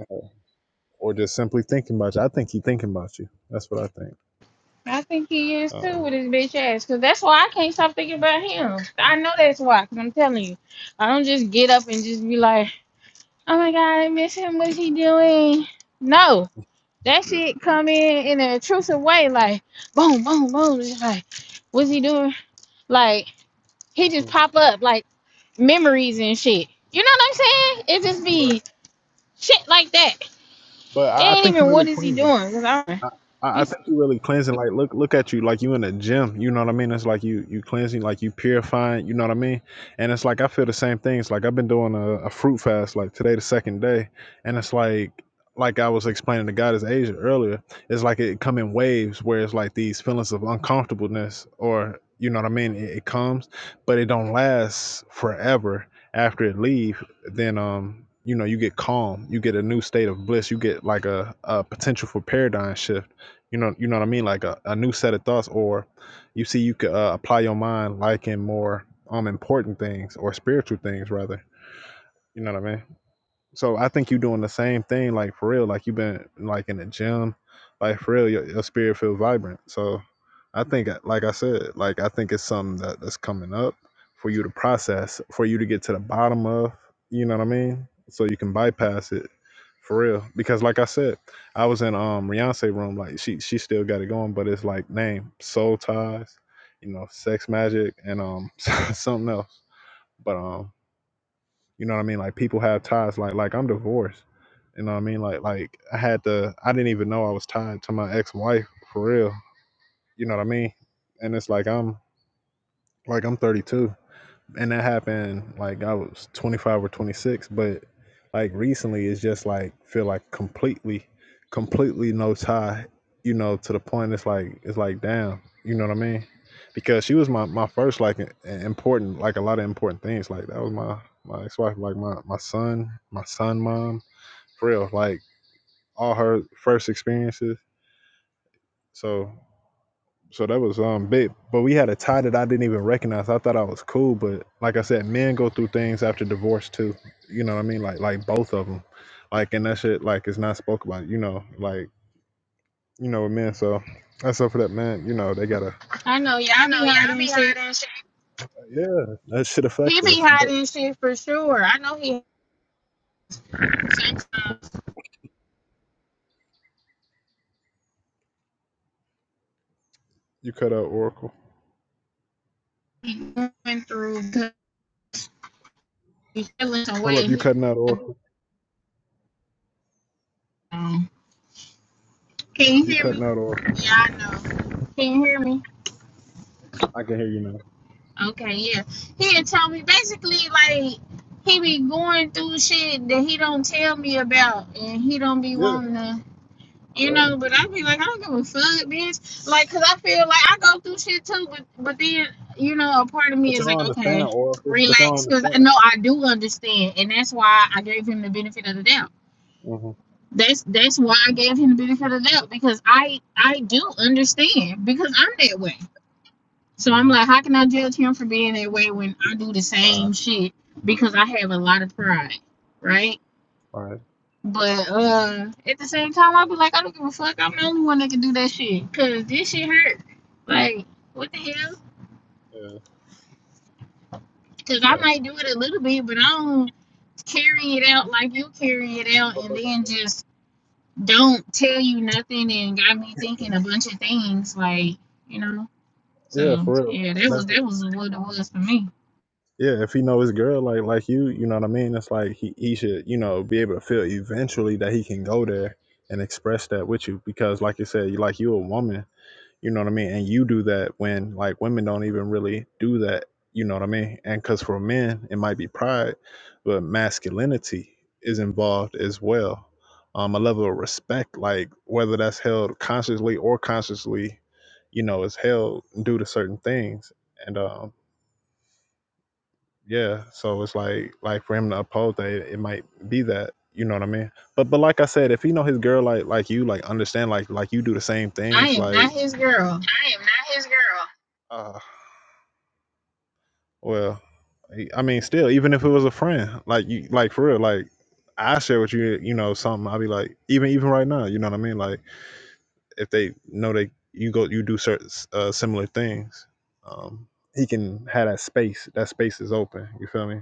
uh, or just simply thinking about you. I think he's thinking about you. That's what I think.
I think he is too
Um,
with his bitch ass. Cause that's why I can't stop thinking about him. I know that's why. Cause I'm telling you, I don't just get up and just be like, oh my god, I miss him. What's he doing? No, that
That's
shit
crazy.
come in in an intrusive way. Like, boom, boom, boom. Just like, what's he doing? Like, he just pop up. Like. memories and shit. You know what I'm saying? It just
Right.
be shit like that.
but
It
I I
ain't
think you
even
really
what is he
clean.
doing? 'Cause I,
I, I I
he's-
think you really cleansing. Like, look, look at you. Like you in a gym. You know what I mean? It's like you, you cleansing. Like you purifying. You know what I mean? And it's like I feel the same things. Like I've been doing a, a fruit fast. Like today, the second day, and it's like, like I was explaining to God is Asia earlier. It's like it come in waves where it's like these feelings of uncomfortableness, or you know what I mean? It, it comes, but it don't last forever after it leave then um you know you get calm you get a new state of bliss you get like a, a potential for paradigm shift you know you know what i mean like a, a new set of thoughts or you see you could uh, apply your mind like in more um important things or spiritual things rather you know what i mean so I think you're doing the same thing, like for real. Like you've been like in the gym, like for real, your, your spirit feels vibrant. So I think, uh, like I said, like I think it's something that, that's coming up for you to process, for you to get to the bottom of. You know what I mean? So you can bypass it for real. Because like I said, I was in um Beyonce room. Like she she still got it going, but it's like name soul ties, you know, sex magic, and um something else. But um you know what I mean? Like people have ties. Like like I'm divorced. You know what I mean? Like like I had to. I didn't even know I was tied to my ex-wife for real. You know what I mean? And it's like I'm like I'm 32 and that happened like I was 25 or 26, but like recently it's just like feel like completely completely no tie, you know, to the point it's like it's like damn, you know what I mean? Because she was my my first like i- important like a lot of important things like that was my my ex-wife like my my son, my son mom, for real, like all her first experiences. So so that was um big, but we had a tie that I didn't even recognize. I thought I was cool, but like I said, men go through things after divorce too. You know what I mean? Like like both of them, like and that shit like is not spoke about. You know, like you know with men. So that's up for that man. You know they gotta
I know
I
y'all
know
be
y'all
hiding
be
shit.
hiding shit. yeah that should
He
affect us.
be
But
hiding shit for sure. I know he sometimes
you cut out Oracle.
he going through because he's feeling some way.
Hold up, you
and
cutting out
He,
Oracle.
um, can you
You
hear me?
cutting out Oracle.
Yeah, I know. Can you hear me?
I get
Okay, yeah. He'll tell me basically like he be going through shit that he don't tell me about, and he don't be
yeah
wanting to. You
yeah.
know, but I be like, I don't give a fuck, bitch. Like, cause I feel like I go through shit too, but but then you know, a part of
But
me is
y'all
like,
understand
okay,
Oracle. But y'all
relax, cause I
understand.
know I do understand, and that's why I gave him the benefit of the doubt.
Mhm
That's that's why I gave him the benefit of the doubt because I I do understand because I'm that way. So I'm
mhm.
like, how can I judge him for being that way when I do the same shit because I have a lot of pride, right?
All right
But uh, at the same time, I be like, I don't give a fuck. I'm the only one that can do that shit. Cause this shit hurt. Like, what the hell?
yeah
Cause I
yeah.
might do it a little bit, but I don't carry it out like you carry it out, and then just don't tell you nothing and got me thinking a bunch of things. Like, you know.
Yeah,
So
for real.
yeah, that was
That's what-
that was what it was for me.
yeah. If he know his girl like like you, you know what I mean. It's like he he should you know be able to feel eventually that he can go there and express that with you because like you said, you like you a woman, you know what I mean, and you do that when like women don't even really do that, you know what I mean. And because for men it might be pride, but masculinity is involved as well. Um, a level of respect, like whether that's held consciously or consciously, you know, is held due to certain things. And um, Yeah, so it's like like for him to oppose that, it, it might be that you know what I mean. But but like I said, if he know his girl like like you like understand like like you do the same
I
things
am not
like.
his girl.
I am not his girl. Uh, well, I I mean, still, even if it was a friend, like you, like for real, like I share with you, you know, something. I'll be like, even even right now, you know what I mean? Like if they know they you go you do certain uh, similar things, um, he can have that space. That space is open. You feel me?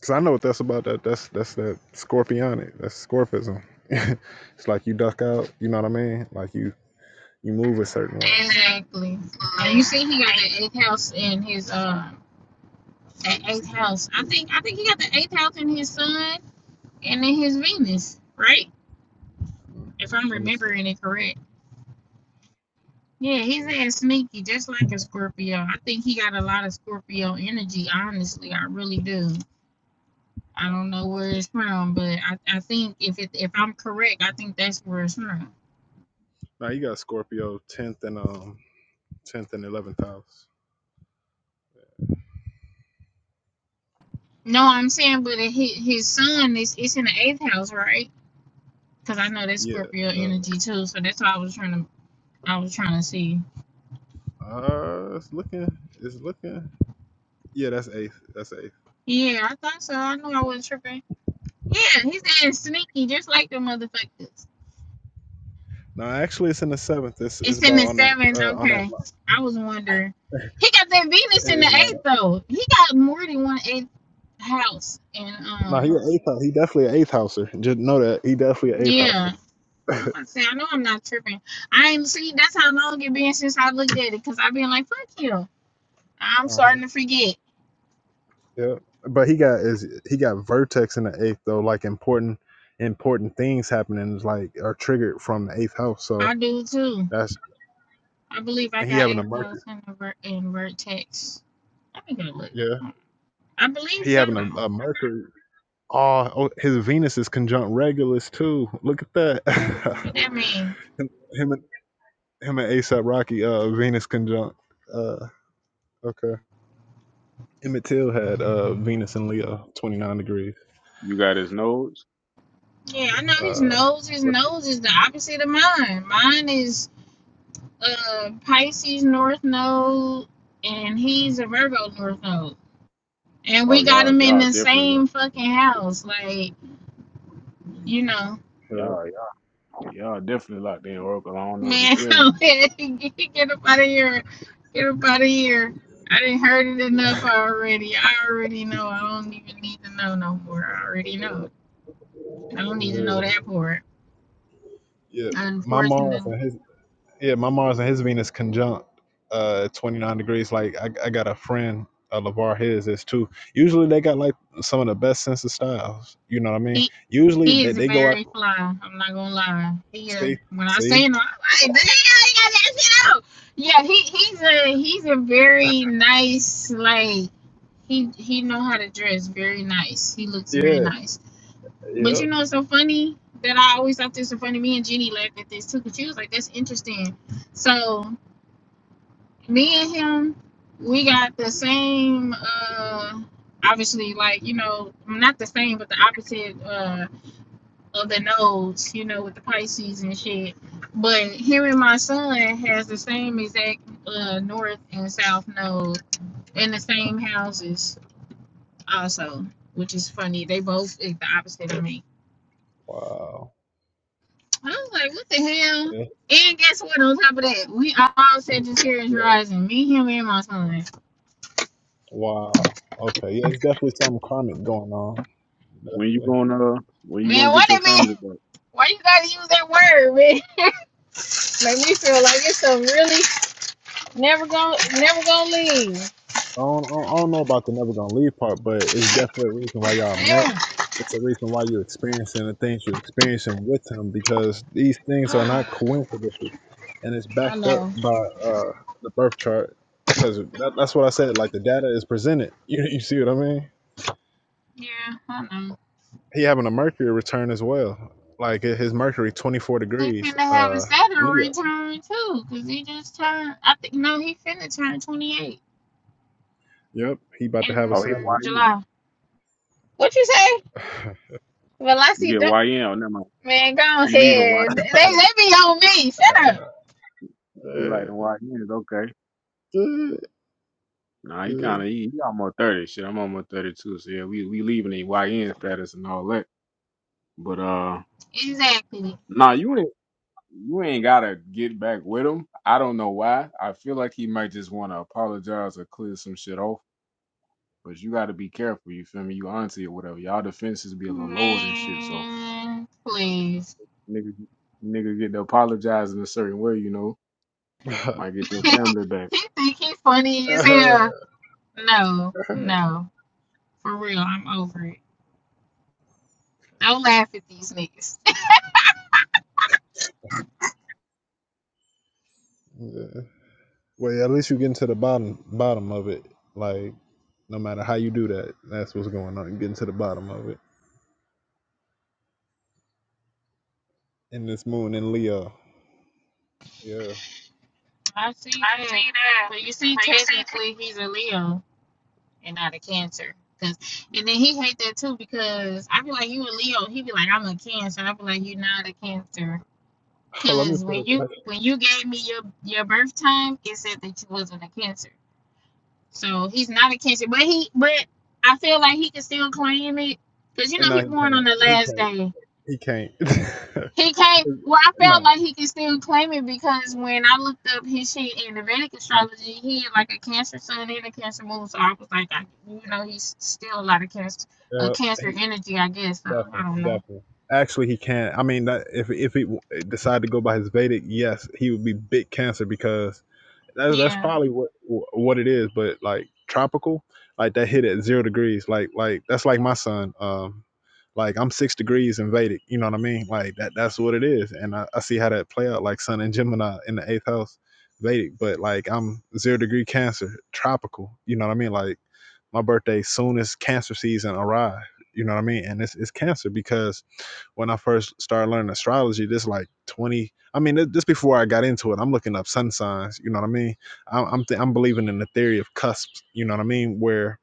Cause I know what that's about. That that's that's that scorpionic. That's scorpism. it's like you duck out. You know what I mean? Like you you move a certain way. Exactly.
Exactly. And you see, he got the eighth house in his uh At eighth house. I think I think he got the eighth house in his sun and in his Venus, right?
Mm,
If I'm
Let me see.
remembering it correct. Yeah, he's
Let me
at
see.
sneaky, just like a Scorpio. I think he got a lot of Scorpio energy, honestly. I really do. I don't know where it's from, but I, I think if it, if I'm correct, I think that's where it's from.
Now you got Scorpio tenth and um tenth and eleventh house.
No, I'm saying, but it, his his son is it's in the eighth house, right? Because I know that's
Yeah.
Scorpio
Uh,
energy too, so that's why I was trying to I was trying to see.
uh, it's looking. It's looking. Yeah, that's eighth. That's eighth.
Yeah, I thought so. I knew I wasn't tripping. Yeah, he's saying sneaky, just like the motherfuckers.
No, actually, it's in the seventh. It's it's
It's in
about
the
on that
seventh.
uh on that.
Okay, I was wondering. He got that Venus in the
It's right
eighth
up.
though. He got more than one eighth house, and
No, he
um,
an eighth house. He definitely an eighth houser. Just know that he definitely an eighth
yeah.
houser.
I'm about to say, I know I'm not tripping. I ain't see. That's how long it been since I looked at it, cause I've been like, fuck you. I'm
Uh-huh.
starting to forget.
Yeah, but he got is he got vertex in the eighth though. Like important important things happening is like are triggered from the eighth house. So
I do too.
that's
I believe I
and he
got
having a
eighth
Mercury.
house in the ver- in vertex. Let me go look.
Yeah,
I believe
he
so
having a, a
though.
Mercury. Oh, oh, his Venus is conjunct Regulus too. Look at that.
What that mean?
him, him and him and ASAP Rocky. Uh, Venus conjunct. Uh, okay. Emmett Till had uh Venus and Leo, twenty nine degrees.
You got his nodes.
Yeah, I know his
Uh,
nose. His
let's
nose is the opposite of mine. Mine is uh Pisces North Node, and he's a Virgo North Node. And
Oh
we got
y'all,
him in
y'all
the
definitely
same
locked.
fucking house. Like, you know,
look it up.
y'all, y'all, y'all definitely locked in Oracle. I don't know what to
man,
tell you.
come here, get, get up out of here, get up out of here. I didn't heard it enough already. I already know. I don't even need to know no more. I already know. I don't need to know that part.
yeah, yeah. My Mars
Unfortunately.
and his yeah, my Mars and his Venus conjunct uh 29 degrees. Like I, I got a friend, uh, LeVar his is too. Usually they got like some of the best sense of styles. You know what I mean?
He
Usually
he
they,
is
they go out
very fly. I'm not gonna lie. He uh,
see
when I say
see?
him, I'm like, damn, he got that shit out. Yeah, he he's a he's a very nice like he he know how to dress very nice. He looks very
Yeah,
nice. But
yep.
you know it's so funny that I always thought this was funny. Me and Jenny laughed at this too because she was like, "That's interesting." So me and him, we got the same. uh Obviously, like you know, not the same, but the opposite. uh of the nodes, you know, with the Pisces and shit. But hearing my son has the same exact uh, north and south node in the same houses, also, which is funny. They both is the opposite of me.
Wow.
I was like, what the hell?
Yeah.
And guess what? On top of that, we all Sagittarius rising. Me, him, and my son.
Wow. Okay. Yeah, it's definitely something karmic going on.
When you
Definitely.
gonna uh, when you gonna
Man,
get
what
your
a man.
family back?
Why you gotta use that word, man? Make me feel like it's a really never gonna never gonna leave.
I don't, I don't know about the never gonna leave part, but it's definitely a reason why y'all met.
Yeah.
It's a reason why you're experiencing the things you're experiencing with him because these things are not coincidences, and it's
I
backed up
know.
by uh, the birth chart. Because that, that's what I said. Like the data is presented. You you see what I mean?
Yeah, I know.
He having a Mercury return as well. Like his Mercury 24
He
degrees.
finna have a
Uh,
Saturn
Leo.
return too, cause he just turned. I think no, he finna turn twenty eight
Yep, he about to have
in
a
Oh, he
Saturn.
YN.
July. What you say? Well, I see
Yeah,
that
YN. Oh, never mind.
man. Go
He leaving
ahead. They
YN.
they be on me. Shut up.
He like the YNs. Okay. Nah, he kind of he, he almost thirty. Shit, I'm almost thirty two. So yeah, we we leaving the YN status and all that. But uh.
Exactly.
Nah, you ain't. You ain't gotta get back with him. I don't know why. I feel like he might just want to apologize or clear some shit off. But you gotta be careful. You feel me? You auntie or whatever. Y'all defenses be a little lower than shit. So
Man,
you
please.
know, nigga, nigga get to apologize in a certain way. You know, might get your
he
family back.
think he funny as hell. No, no, for real. I'm over it. Don't laugh at these niggas.
Yeah. Well, at least you're getting to the bottom bottom of it. Like no matter how you do that, that's what's going on. You're getting to the bottom of it. And this moon in Leo. Yeah. I
I see that.
see that.
But you see,
But you see, t-
technically, he's a Leo. and not a cancer. Cause, and then he hate that too because I be like, you a Leo. He be like, I'm a cancer. I be like, you not a cancer.
Oh, let me
Cause
pull
when
it
you
back.
when you gave me your your birth time, it said that you wasn't a cancer. So he's not a cancer, but he but I feel like he can still claim it. Cause you know
No,
he
he
born on
can't.
the last
He
day.
can't. He can't.
He can't. Well, I felt
no.
like he could still claim it because when I looked up his shit in the Vedic astrology, he had like a Cancer sun and a Cancer moon. So I was like, I, you know, he's still a lot of Cancer, uh,
Yeah.
Cancer
He,
energy, I guess. So I
definitely.
don't know.
Definitely. Actually, he can't. I mean, that, if if he decided to go by his Vedic, yes, he would be big cancer because That's that's
Yeah.
probably what what it is. But like tropical, like that hit at zero degrees. Like like that's like my sun. Um, like I'm six degrees in Vedic. You know what I mean? Like that that's what it is. And I, I see how that play out. Like Sun and Gemini in the eighth house, Vedic. But like I'm zero degree Cancer, tropical. You know what I mean? Like my birthday soon as Cancer season arrive. You know what I mean? And it's it's Cancer because when I first started learning astrology, this like 20, I mean, this before I got into it, I'm looking up sun signs, you know what I mean? I'm, I'm, th- I'm believing in the theory of cusps, you know what I mean? Where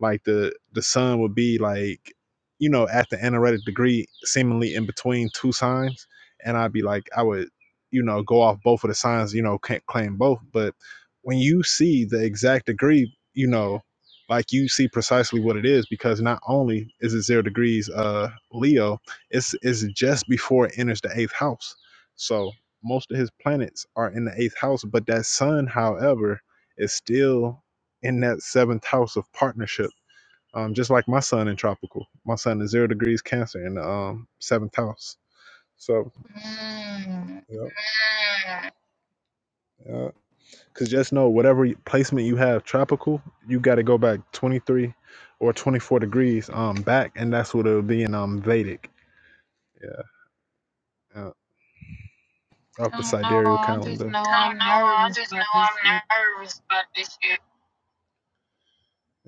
like the, the sun would be like, you know, at the aneretic degree, seemingly in between two signs. And I'd be like, I would, you know, go off both of the signs, you know, can't claim both. But when you see the exact degree, you know, like you see precisely what it is because not only is it zero degrees uh Leo, it's it's just before it enters the eighth house. So most of his planets are in the eighth house, but that sun, however, is still in that seventh house of partnership. Um, just like my sun in tropical. My sun is zero degrees cancer in the um seventh house. So
Mm,
yeah, yeah. Cause just know whatever y- placement you have tropical, you gotta go back twenty three or twenty four degrees um back and that's what it'll be in um Vedic. Yeah. yeah. off the
I don't know.
sidereal
I just
calendar.
know
I don't
I'm
know. I
nervous
just know
about this shit.
I'm nervous about this shit.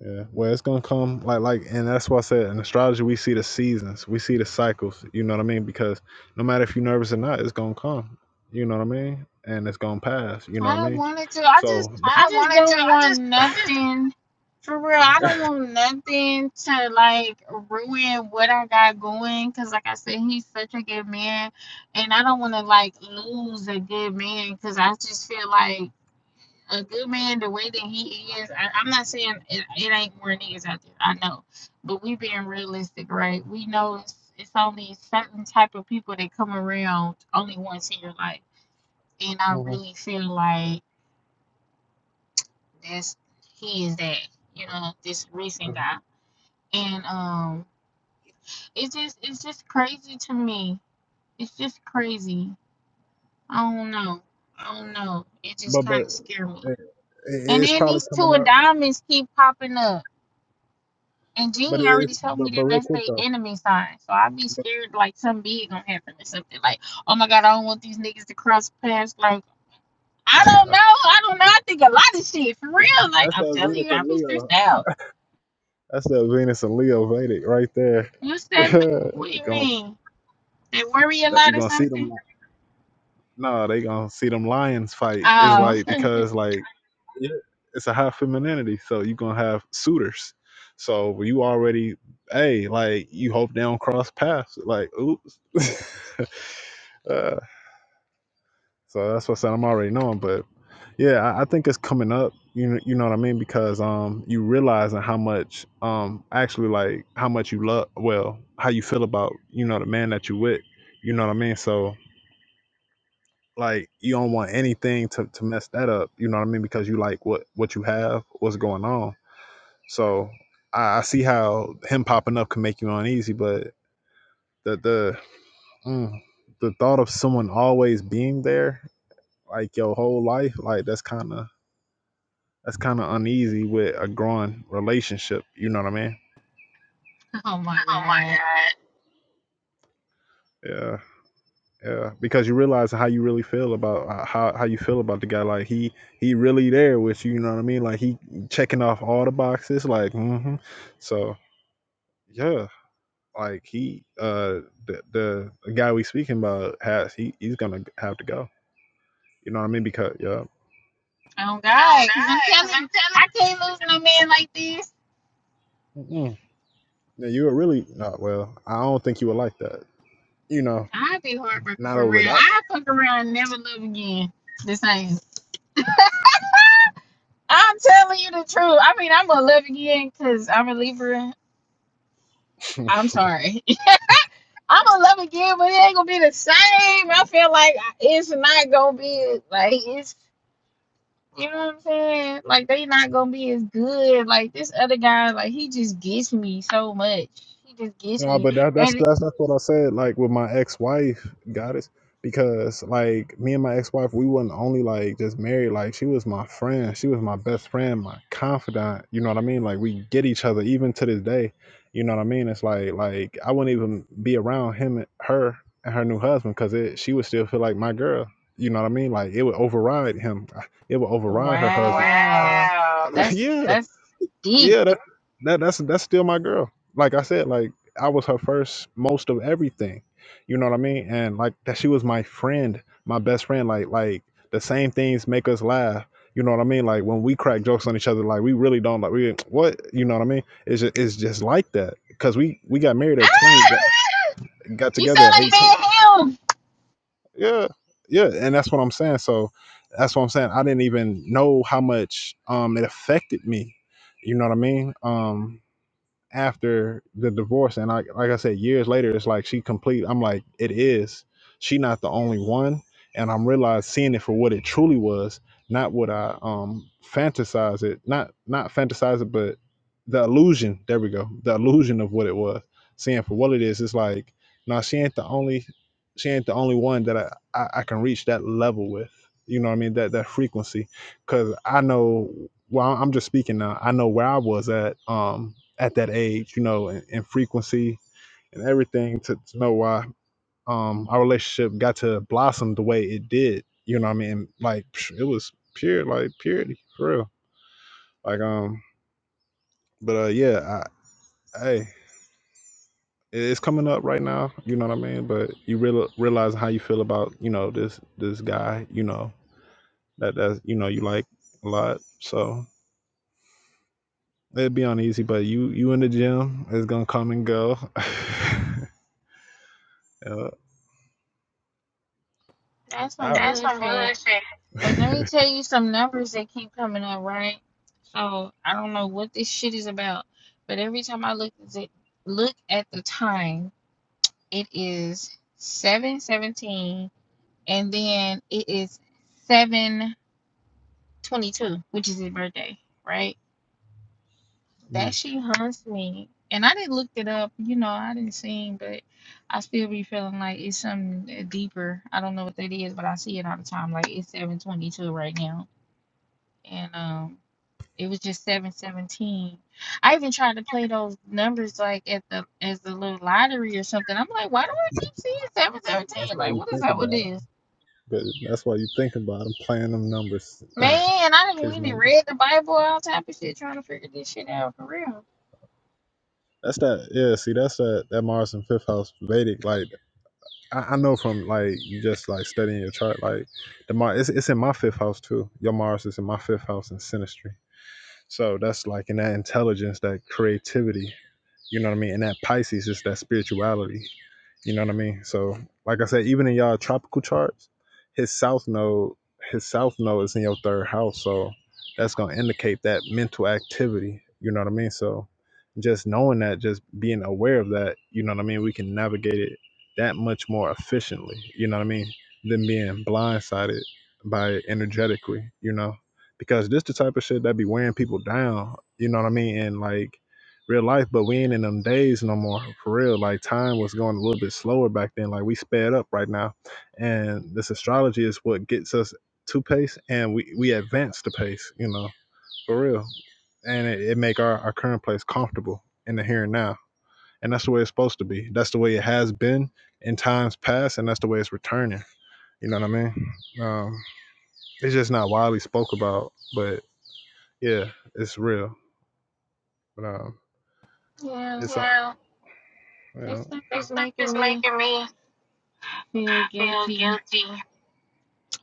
Yeah, well, it's gonna come like like, and that's why I said in astrology we see the seasons, we see the cycles. You know what I mean? Because no matter if you're nervous or not, it's gonna come. You know what I mean? And it's gonna pass. You know
I
what I
don't
mean?
want it to. I just,
So, I
I
don't
just
want it to. I
don't want
just, I just
nothing. For real, I don't want nothing to like ruin what I got going. Cause like I said, he's such a good man, and I don't want to like lose a good man. Cause I just feel like a good man, the way that he is. I, I'm not saying it, it ain't more niggas out there. I know, but we being realistic, right? We know it's it's only certain type of people that come around only once in your life, and I
Mhm,
really feel like this he is that you know this recent
mhm.
guy and um it's just it's just crazy to me it's just crazy i don't know i don't know it
but
just
but
kind of scared me
it-
and
it's
then
probably
these
coming
two of
up.
diamonds keep popping up and
But
Jeannie
it,
already told
but
me
but
that
real
that's
quick
their
though,
enemy sign. So I'd be scared like something big gonna happen or something. Like, oh my god, I don't want these niggas to cross paths. Like, I don't know. I don't know. I think a lot of shit for real. Like,
that's
I'm
that
telling
Venus
you,
and
I'd be
Leo.
stressed out.
That's that Venus and Leo Vedic right there.
You said, what do you
Gonna
mean? They worry a
You're
lot or
gonna see them.
something?
No, they gonna see them lions fight. It's
Oh,
like because like yeah, it's a high femininity, so you gonna have suitors. So you already, hey, like you hope they don't cross paths. Like, oops. uh, so that's what I said. I'm already knowing, but yeah, I, I think it's coming up. You know, you know what I mean? Because um, you realizing how much um actually like how much you love. Well, how you feel about you know the man that you with. You know what I mean? So Like you don't want anything to, to mess that up. You know what I mean? Because you like what what you have, what's going on. So I, I see how him popping up can make you uneasy, but the the mm, the thought of someone always being there, like your whole life, like that's kind of that's kind of uneasy with a growing relationship. You know what I mean?
oh my
Oh my
God.
god. Yeah. Yeah, because you realize how you really feel about uh, how how you feel about the guy. Like he he really there with you. You know what I mean? Like he checking off all the boxes. Like hmm so yeah, like he uh the, the the guy we speaking about has he he's gonna have to go. You know what I mean? Because yeah,
Oh
Oh God,
God, because I'm
because
telling you, I
I'm
can't lose no man like this.
telling Mm-mm. yeah you were really not well. I don't think you would like that. You know,
I'd be heartbroken
not
for
over that.
real. I fuck around and never love again. The same. I'm telling you the truth. I mean, I'm gonna love again because I'm a Libra. I'm sorry. I'm gonna love again, but it ain't gonna be the same. I feel like it's not gonna be like it's. You know what I'm saying? Like they not gonna be as good. Like this other guy, like he just gets me so much. He just gets
No,
me.
but that, that's
And
that's that's what I said. Like with my ex-wife, goddess, because like me and my ex-wife, we wasn't only like just married. Like she was my friend, she was my best friend, my confidant. You know what I mean? Like we get each other even to this day. You know what I mean? It's like like I wouldn't even be around him, and her, and her new husband because it she would still feel like my girl. You know what I mean? Like it would override him. It would override her husband.
wow,
Wow.
that's
yeah,
that's deep.
yeah, that, that that's that's still my girl. Like I said, like I was her first most of everything. You know what I mean? And like that she was my friend, my best friend. Like like the same things make us laugh. You know what I mean? Like when we crack jokes on each other, like we really don't like we what you know what I mean? It's just it's just like that because we we got married
Ah!
at twenty, got, got
You sound
together at
like
eighteen.
man him.
Yeah, yeah, and that's what I'm saying. So that's what I'm saying. I didn't even know how much um it affected me. You know what I mean? Um, after the divorce and like like I said years later it's like she complete I'm like it is she not the only one and I'm realized seeing it for what it truly was not what I um fantasize it not not fantasize it but the illusion there we go the illusion of what it was seeing for what it is it's like now she ain't the only she ain't the only one that I, I I can reach that level with you know what I mean that that frequency because I know. Well, I'm just speaking now. I know where I was at um at that age, you know, and, and frequency and everything to, to know why um our relationship got to blossom the way it did. You know, what I mean, like psh, it was pure, like purity for real. Like um, but uh, yeah, I, hey, it- it's coming up right now. You know what I mean? But you real, realize how you feel about you know this this guy. You know that that's you know you like a lot. So. It'd be uneasy, but you you in the gym is gonna come and go. yeah.
That's some
right. That's some
bullshit. But let me
bullshit.
tell you some numbers that keep coming up, right? So I don't know what this shit is about, but every time I look at it, look at the time, it is seven seventeen. and then it is 722 which is his birthday right that
Mm,
she hunts me and i didn't look it up you know i didn't see but i still be feeling like it's something deeper i don't know what that is but i see it all the time like it's 722 right now and um it was just 717 i even tried to play those numbers like at the as the little lottery or something i'm like why do i keep seeing
that's
717
why
like
you
what is
think
up with
about it.
this
But that's why you think about him playing them numbers.
Man, I didn't
His
even
number.
read the Bible, all type of shit, trying to figure this shit out for real.
That's that. Yeah. See, that's that. That Mars in fifth house Vedic. Like I, I know from like you just like studying your chart. Like the Mars, it's, it's in my fifth house too. Your Mars is in my fifth house in Sinistry. So that's like in that intelligence, that creativity, You know what I mean? And that Pisces is that spirituality. You know what I mean? So, like I said, even in y'all tropical charts, his south node, his south node is in your third house. So that's gonna indicate that mental activity. You know what I mean? So just knowing that, just being aware of that, you know what I mean, we can navigate it that much more efficiently, you know what I mean, than being blindsided by it energetically, you know. Because this the type of shit that be wearing people down, you know what I mean? And like real life, but we ain't in them days no more for real. Like time was going a little bit slower back then. Like we sped up right now, and this astrology is what gets us to pace, and we we advance the pace, you know, for real. And it, it make our our current place comfortable in the here and now, and that's the way it's supposed to be. That's the way it has been in times past, and that's the way it's returning. You know what I mean? Um, it's just not widely spoke about, but yeah, it's real. But um,
Yeah,
it's yeah. a-
this
yeah.
stuff
This
is
stuff
making
is
me
making me
feel
feel
guilty.
guilty.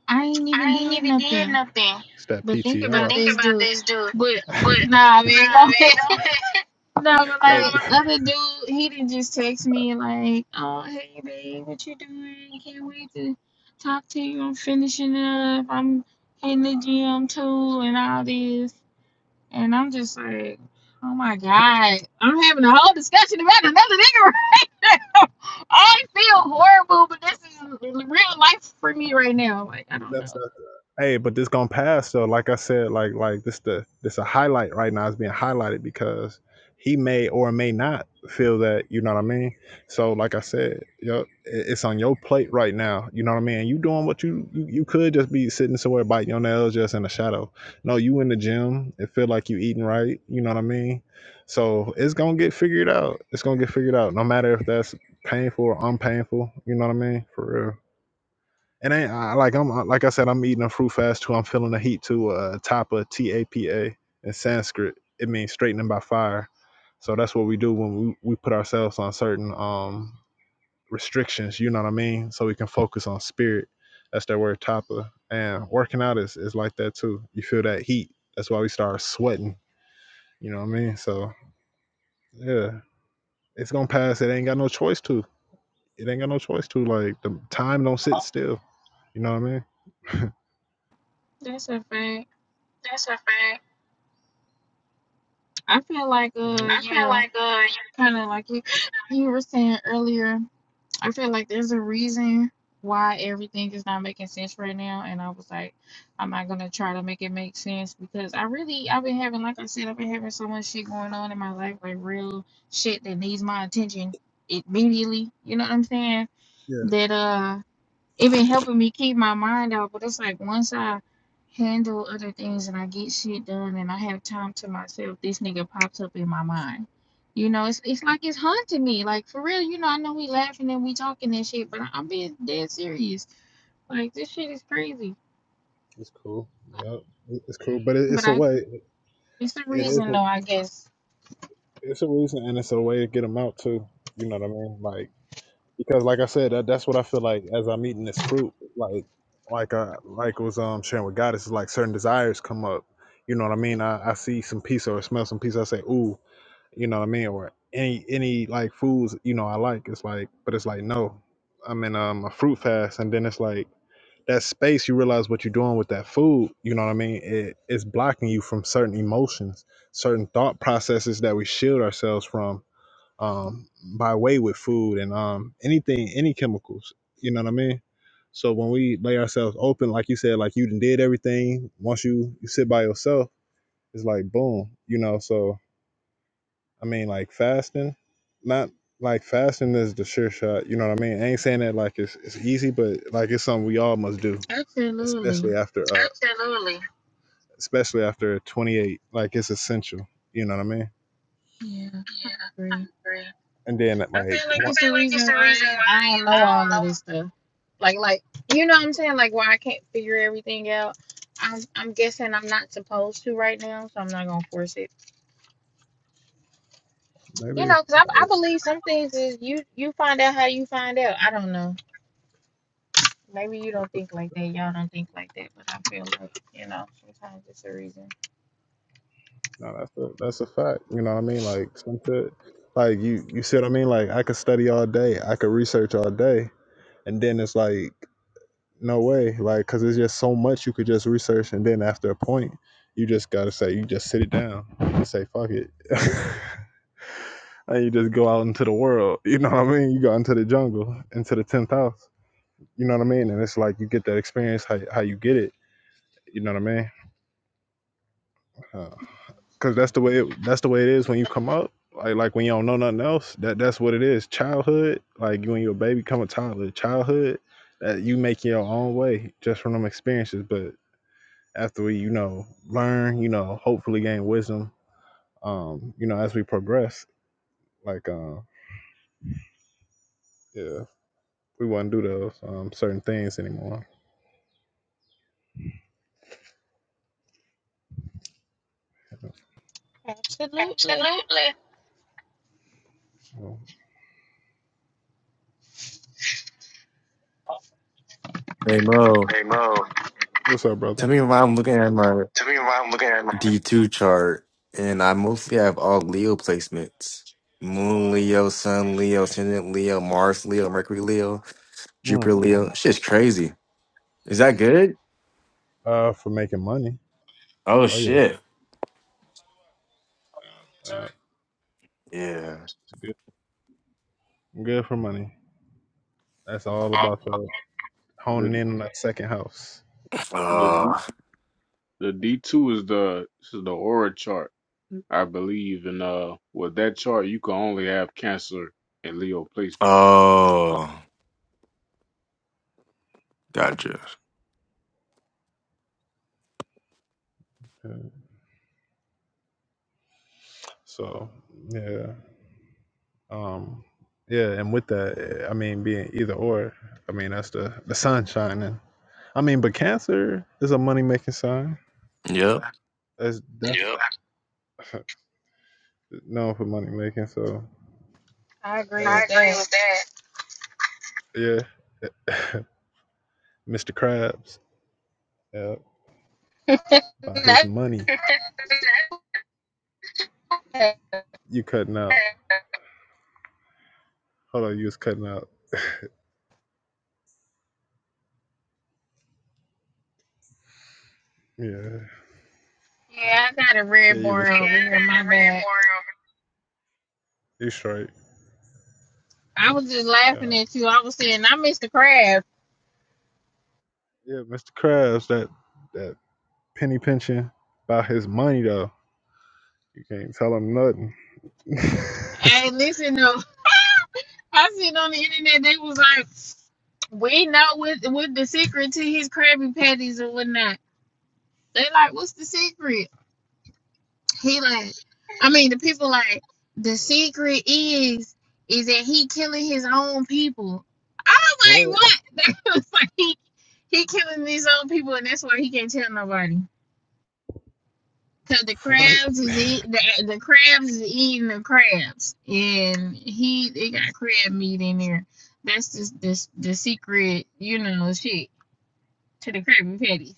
I ain't even
I ain't
did
even did
nothing.
nothing. It's that
But think
PTR. But
about
think
this
about
dude.
this, dude.
But
But nah,
nah,
man,
man, go ahead.
go ahead.
No, but like
That-
other dude, he didn't just text me like, "Oh, hey babe, what you doing? Can't wait to talk to you. I'm finishing up. I'm in the gym too, and all this." And I'm just like, oh my God. I'm having a whole discussion about another nigga right now. I feel horrible, but this is real life for me right now. Like, I
Nah,
don't know.
Hey, but this gonna pass though. Like I said, like like this the this a highlight right now. It's being highlighted because he may or may not feel that. You know what I mean? So like I said, you it- it's on your plate right now. You know what I mean? You doing what you you, you could just be sitting somewhere biting your nails just in the shadow. No, you in the gym. It feel like you eating right. You know what I mean? So it's gonna get figured out. It's gonna get figured out. No matter if that's painful or unpainful. You know what I mean? For real. And I, I like I'm I- like I said, I'm eating a fruit fast too. I'm feeling the heat too. Uh, tapa, T A P A in Sanskrit, it means straightening by fire. So that's what we do when we, we put ourselves on certain um restrictions. You know what I mean? So we can focus on spirit. That's that word tapa. And working out is is like that too. You feel that heat. That's why we start sweating. You know what I mean? So yeah, it's gonna pass. It ain't got no choice to. It ain't got no choice to. Like the time don't sit still. You know what I mean?
That's a fact.
That's a fact.
I feel like,
Mhm.
uh,
I feel
yeah,
like uh,
kind of like you, you were saying earlier. I feel like there's a reason why everything is not making sense right now, and I was like, I'm not gonna try to make it make sense because I really I've been having like I said I've been having so much shit going on in my life like real shit that needs my attention immediately. You know what I'm saying?
Yeah,
That uh it been helping me keep my mind out, but it's like once I handle other things and I get shit done and I have time to myself, this nigga pops up in my mind. You know, it's it's like it's haunting me. Like for real, you know, I know we laughing and we talking and shit, but I- I'm being dead serious. Like this shit is crazy.
it's cool. Yeah, it's cool, but it,
But
it's a
I
way.
it's the
It is.
reason
A,
though, I guess.
it's a reason, and it's a way to get them out too. You know what I mean? Like because, like I said, that, that's what I feel like as I'm eating this fruit. Like, like I like was um sharing with God. It's like certain desires come up. You know what I mean? I, I see some pizza or smell some pizza. I say, ooh. You know what I mean? Or any any like foods you know I like. It's like, but it's like no. I'm in um, a fruit fast, and then it's like that space, you realize what you're doing with that food. You know what I mean? It, it's blocking you from certain emotions, certain thought processes that we shield ourselves from um, by way with food and um, anything, any chemicals. You know what I mean? So when we lay ourselves open, like you said, like you done did everything. Once you you sit by yourself, it's like boom. You know. So I mean, like fasting, not like fasting is the sure shot. You know what I mean? I ain't saying that like it's it's easy, but like it's something we all must do especially
Absolutely.
after uh, Absolutely. especially after 28. Like it's essential. You know what I mean?
Yeah, I
Yeah, I
agree.
agree. And then at
I
like I
feel like
feel
it's the
like it's
reason
the
why I,
reason why
ain't- I don't
I I
know all
don't
of this stuff. Like, like you know what I'm saying? Like, why I can't figure everything out. I'm, I'm guessing I'm not supposed to right now, so I'm not gonna force it.
know.
You
maybe
know, because I, I believe some things is you you find out how you find out. I don't know. Maybe you don't think like that. Y'all don't think like that, but I feel like you know sometimes it's a reason.
no, that's a that's a fact. You know what I mean? Like some shit, like you you see what I mean? Like I could study all day, I could research all day, and then it's like no way, like because it's just so much you could just research, and then after a point, you just gotta say you just sit it down and say fuck it. and you just go out into the world. You know what I mean? You go into the jungle, into the tenth house. You know what I mean? And it's like you get that experience how how you get it. You know what I mean? Because uh, that's the way it, that's the way it is when you come up. Like like when you don't know nothing else. That that's what it is. Childhood. Like when you're a baby, come a toddler. Childhood. That you make your own way just from them experiences. But after we you know learn, you know, hopefully gain wisdom. Um, you know, as we progress, like um, yeah, we wouldn't do those um certain things anymore. You know?
Absolutely,
Absolutely. So,
Hey Mo,
Hey Mo, what's up, brother?
tell me why I'm looking at my
tell me why I'm looking at my
D2 chart and I mostly have all Leo placements. Moon Leo, Sun Leo, Ascendant Leo, Mars Leo, Mercury Leo,
Mm.
Jupiter Leo. Shit's crazy. Is that good?
Uh, for making money.
Oh
Oh yeah,
shit.
uh,
Yeah.
it's good. Good for money. That's all about the honing
The
in on that second house.
the D,
Oh.
the D two is the this is the aura chart, I believe, and uh with that chart you can only have Cancer and Leo placements.
Oh. Gotcha.
Yeah. So yeah, um, yeah, and with that, I mean, being either or, I mean, that's the the sun shining. I mean, but Cancer is a money making sign.
Yep.
That's that's Yep. known for money making. So
I agree
I hey,
with
agree
that.
with that. yeah, Mr. Krabs. Yeah,
yeah,
about his money. You cutting out. yeah, Hold on, you was cutting out. Yeah.
I got a
Yeah,
red
you was
bar
cut. I
over here.
had a
My
red
bad.
bar over. You straight.
I was just laughing
Yeah.
at you. I was saying I missed the crab.
Yeah, Mr. Krabs, that that penny pinching about his money though. You can't tell him nothing.
Hey, listen though, I seen on the internet they was like, we know what what the secret to his Krabby Patties or whatnot. They like, what's the secret? He like, I mean, the people like, the secret is is that he killing his own people. I was
what?
like, what? That was like he he killing his own people, and that's why he can't tell nobody. Cause the
What?
crabs is eat the, the crabs is eating the crabs, and he they got crab meat in there. That's just this the secret, you know, shit to the Krabby Patty.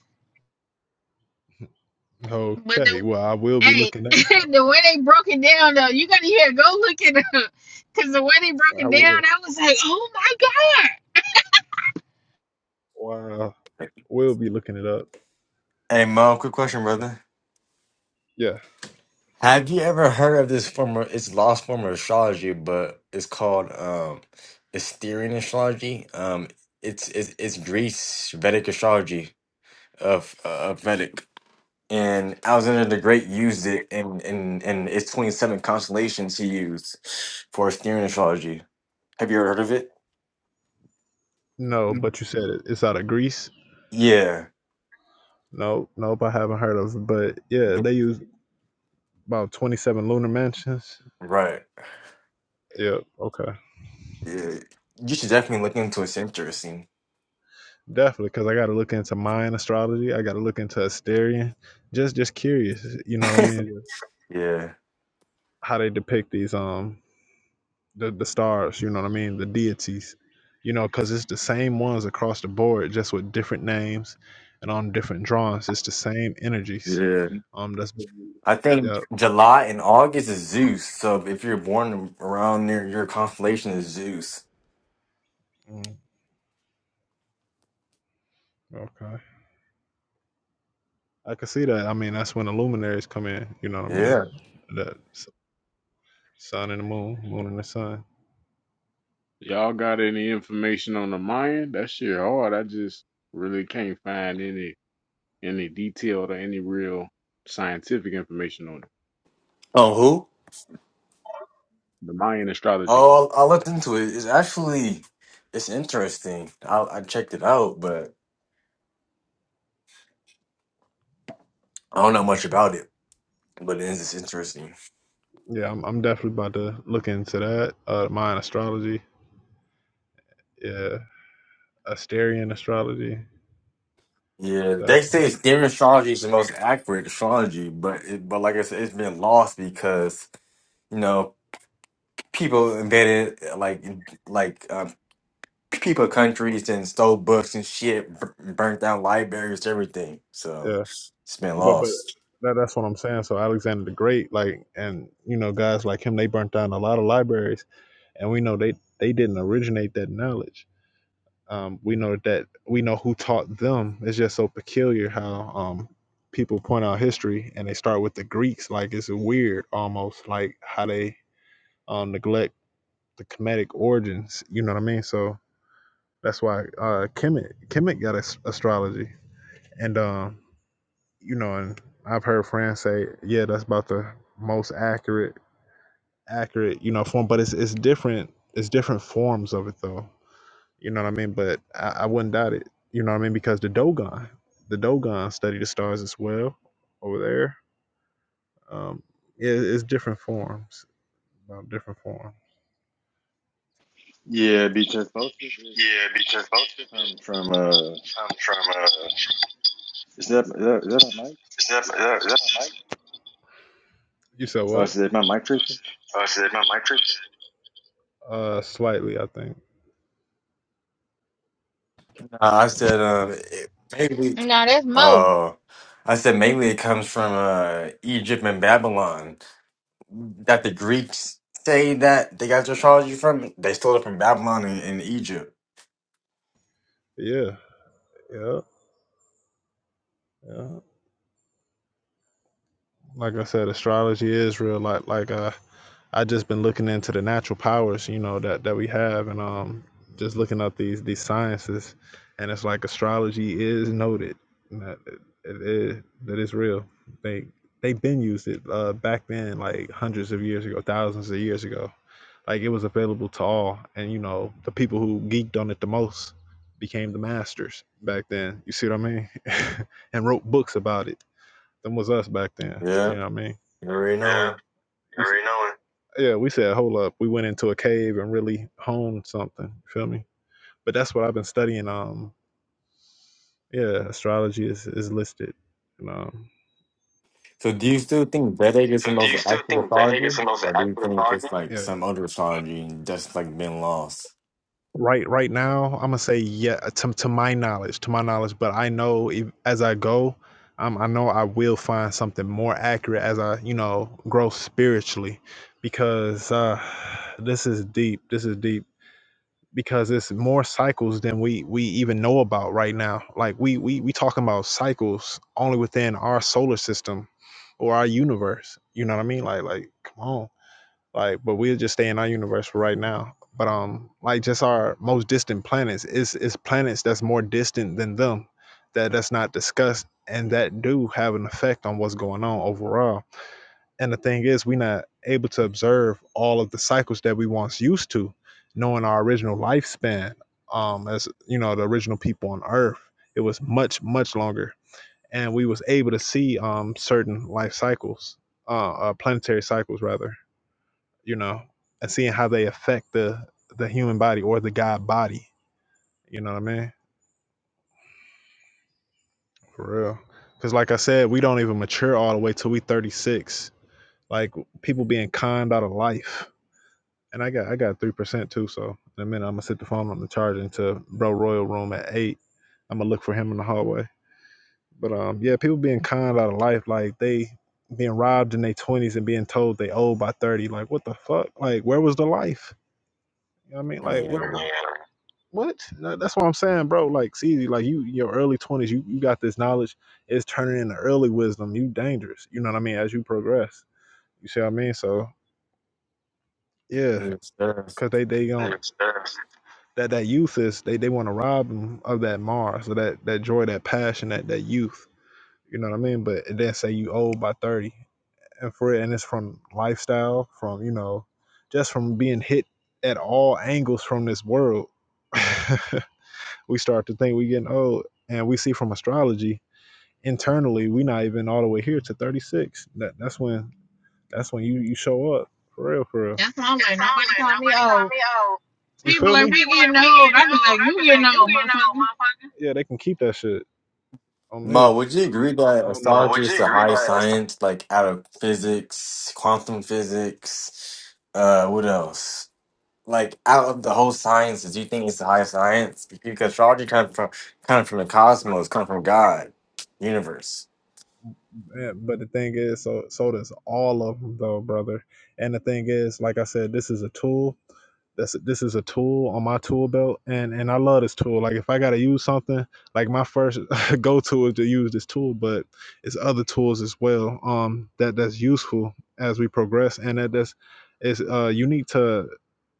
But the
Okay. Well, I will be
hey,
looking that one up.
the way they broke it down though, you gotta yeah go look it up. Cause the way they broke
I
it
will.
down, I was like, oh my god.
Wow. We'll be looking it up.
Hey Mo, quick question, brother.
Yeah.
Have you ever heard of this form of it's lost form of astrology, but it's called um Asterian astrology. Um it's it's, it's Greece Vedic astrology of uh, of Vedic. And Alexander the Great used it in in in its 27 constellations he used for Asterian astrology. Have you ever heard of it?
No,
Mm.
but you said it. It's out of Greece.
Yeah.
No, nope, nope, I haven't heard of it. But yeah,
Th-
they use About 27 lunar mansions.
Right.
Yep. Okay.
Yeah. You should definitely look into it. It's interesting.
Definitely, because I got to look into Mayan astrology. I got to look into Asterian. Just, just curious. You know what I mean?
yeah.
How they depict these um the the stars. You know what I mean? The deities. You know, because it's the same ones across the board, just with different names and on different drawings. It's the same energies.
Yeah.
Um, that's been,
I think
yep.
July and August is Zeus. So if you're born around near your constellation is Zeus.
Mm, okay. I can see that. I mean, that's when the luminaries come in. You know what I mean?
Yeah.
That s- sun and the moon, moon and the sun.
Y'all got any information on the Mayan? That shit hard. I just really can't find any any detailed or any real scientific information on it.
Oh, who?
The Mayan astrology.
Oh, I looked into it. It's actually it's interesting. I, I checked it out, but I don't know much about it. But it is it's interesting.
Yeah, I'm, I'm definitely about to look into that. Uh, Mayan astrology. Yeah, Asterian astrology.
Yeah, they
Definitely.
say Eastern astrology is the most accurate astrology, but it, but like I said, it's been lost because you know people invented like like uh, people countries and stole books and shit, bur- burnt down libraries, everything. So
Yeah,
it's been
but but
lost.
that, that's what I'm saying. So Alexander the Great, like, and you know, guys like him, they burnt down a lot of libraries, and we know they they didn't originate that knowledge. Um, we know that we know who taught them. It's just so peculiar how um people point out history and they start with the Greeks. Like it's weird, almost like how they um neglect the Kemetic origins. You know what I mean? So That's why uh, Kemet Kemet got as- astrology, and um, you know, and I've heard friends say, yeah, that's about the most accurate accurate you know form, but it's it's different. It's different forms of it though. You know what I mean? But I, I wouldn't doubt it. You know what I mean? Because the Dogon, the Dogon study the stars as well over there. Um, yeah, it, it's different forms. About different form.
Yeah, because
Yeah, because most of
I'm
it
from uh,
comes from uh, is
is that is that, is that a mic?
that, is that, is that my mic? You said what? Oh, is that my mic? Uh, slightly, I think.
Uh, I said, um, it, maybe.
No, that's Mo.
Uh, I said mainly it comes from uh, Egypt and Babylon. That the Greeks say that they got their astrology from. They stole it from Babylon and, and Egypt.
Yeah, yeah, yeah. Like I said, astrology is real. Like, like uh, I just been looking into the natural powers, you know, that that we have, and um, just looking up these these sciences, and it's like astrology is noted. and That it, it is that is real. They they been used it uh back then, like hundreds of years ago, thousands of years ago. Like it was available to all, and you know the people who geeked on it the most became the masters back then. You see what I mean? and wrote books about it. Them was us back then. You
Yeah,
know what I mean?
you already
Yeah,
know
you already know it. yeah, we said, hold up, we went into a cave and really honed something. You feel me? But that's what I've been studying. Um, yeah, astrology is, is listed. You know,
So do you still think Vedic is
So
the
do
most
you still
accurate
think Vedic is
astrology,
the most
or do you
accurate
think
astrology?
it's
yeah,
like some other astrology that's like been lost?
right right now i'm gonna say yeah to, to my knowledge to my knowledge but i know if, as i go um, i know i will find something more accurate as i you know grow spiritually because uh this is deep this is deep because it's more cycles than we we even know about right now like we we we talking about cycles only within our solar system or our universe you know what i mean like like come on like, but we'll just stay in our universe for right now. But um, like just our most distant planets is is planets that's more distant than them, that that's not discussed and that do have an effect on what's going on overall. And the thing is, we're not able to observe all of the cycles that we once used to, knowing our original lifespan. Um, as you know, the original people on Earth, it was much much longer, and we was able to see um certain life cycles, uh, uh planetary cycles rather you know, and seeing how they affect the the human body or the god body. You know what I mean? For real. Because like I said, we don't even mature all the way till we 36. Like people being conned out of life. And I got I got three percent too. So in a minute, I'm gonna sit the phone on the charger into Bro Royal room at eight. I'm gonna look for him in the hallway. But um, yeah, people being conned out of life. Like they being robbed in their 20s and being told they old by 30. Like what the fuck? Like where was the life? You know what I mean? Like
Yeah.
where? was what? That- That's what I'm saying, bro. Like, see, like you, your early twenties, you you got this knowledge. It's turning into early wisdom. You dangerous. You know what I mean? As you progress, you see what I mean? So yeah,
Yes, sir.
cause they they going not that that youth is they they want to rob them of that Mars, or that that joy, that passion, that that youth. You know what I mean? But it then say you old by thirty, and for it, and it's from lifestyle, from you know, just from being hit at all angles from this world. we start to think we getting old and we see from astrology internally we not even all the way here to 36 that, that's when that's when you you show up for real for real
That's why I'm
That's
like
how I'm
nobody
like,
call me
nobody call
old.
me old. you
People
feel
like
me
we
People
getting
like, we
old.
getting
I be
old.
like
I be
you getting
like, you
old,
getting old,
motherfucker.
motherfucker. yeah they can keep that shit on me
Mo, would you agree that
i don't know Mo,
astrology
would
is
you
the
agree
highest
that?
science, like out of physics, quantum physics, uh, what else? Like out of the whole sciences, do you think it's the highest science? Because astrology kind of from kind of from the cosmos, kind of from God, universe.
Yeah, but the thing is, so so does all of them, though, brother. And the thing is, like I said, this is a tool. That's this is a tool on my tool belt, and and I love this tool. Like if I gotta use something, like my first go to is to use this tool, but it's other tools as well. Um, that that's useful as we progress, and that that's is uh unique to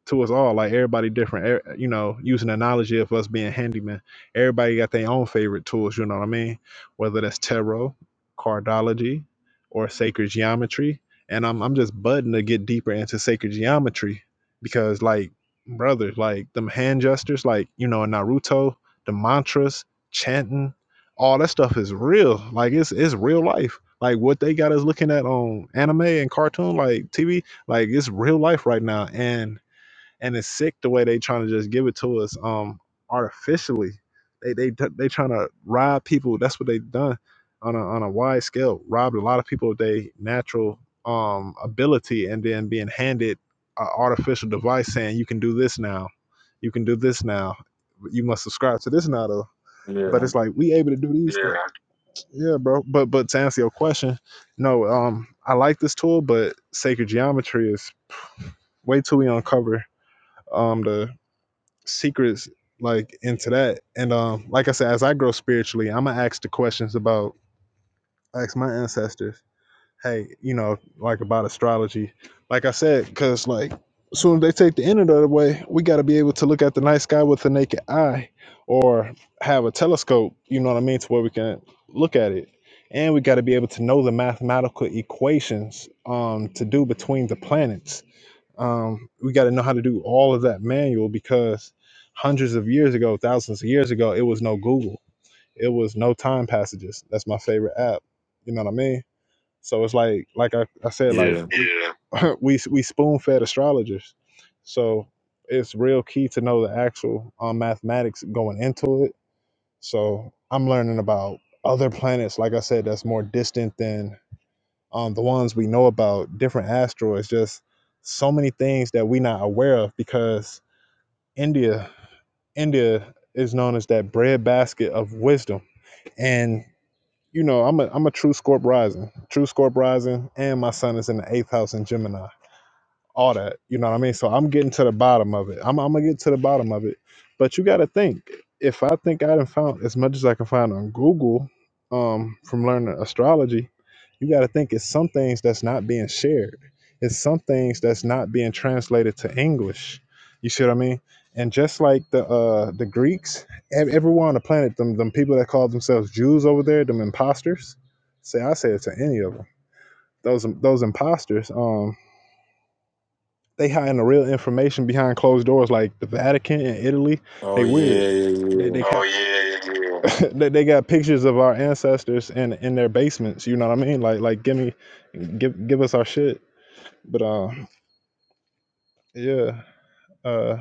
to us all. Like everybody different. Er- You know, using the analogy of us being handyman, everybody got their own favorite tools. You know what I mean? Whether that's tarot, cardology, or sacred geometry. And I'm I'm just budding to get deeper into sacred geometry because like brothers, like them hand gestures, like you know in Naruto, the mantras, chanting, all that stuff is real. Like it's it's real life. Like what they got us looking at on anime and cartoon, like TV, like it's real life right now. And and it's sick the way they trying to just give it to us um artificially. They they they trying to rob people. That's what they done on a on a wide scale. Robbed a lot of people of their natural um ability, and then being handed an artificial device saying you can do this now, you can do this now, you must subscribe to this now. Though. But
Yeah.
it's like we able to do these things. Yeah. Yeah, bro. But but to answer your question, no. Um, I like this tool, but sacred geometry is way too we uncover. Um, the secrets like into that. And um, like I said, as I grow spiritually, I'm gonna ask the questions about ask my ancestors. Hey, you know, like about astrology. Like I said, because like as soon as they take the internet away, we got to be able to look at the night sky with the naked eye, or have a telescope. You know what I mean, to where we can look at it. And we got to be able to know the mathematical equations um, to do between the planets um, we got to know how to do all of that manual because hundreds of years ago, thousands of years ago, it was no Google, it was no time passages. That's my favorite app. You know what I mean? So it's like, like I, I said, like
Yeah.
yeah. we we spoon fed astrologers, so it's real key to know the actual um, mathematics going into it. So I'm learning about other planets. Like I said, that's more distant than um, the ones we know about, different asteroids, just so many things that we're not aware of because India, India is known as that breadbasket of wisdom. And you know, I'm a I'm a true Scorp rising, true Scorp rising, and my son is in the eighth house in Gemini all that. You know what I mean? So I'm getting to the bottom of it. I'm, I'm gonna get to the bottom of it. But you gotta think. If I think I done found as much as I can find on Google um, from learning astrology, you gotta think it's some things that's not being shared. It's some things that's not being translated to English. You see what I mean? And just like the uh, the Greeks, ev- everyone on the planet, them them people that call themselves Jews over there, them imposters. Say I say it to any of them. Those those imposters. Um, they hiding the real information behind closed doors, like the Vatican and Italy.
Oh
They weird.
yeah, yeah,
They
yeah.
they Oh got yeah, yeah. they, they got pictures of our ancestors in in their basements. You know what I mean? Like like give me give give us our shit. But uh yeah, uh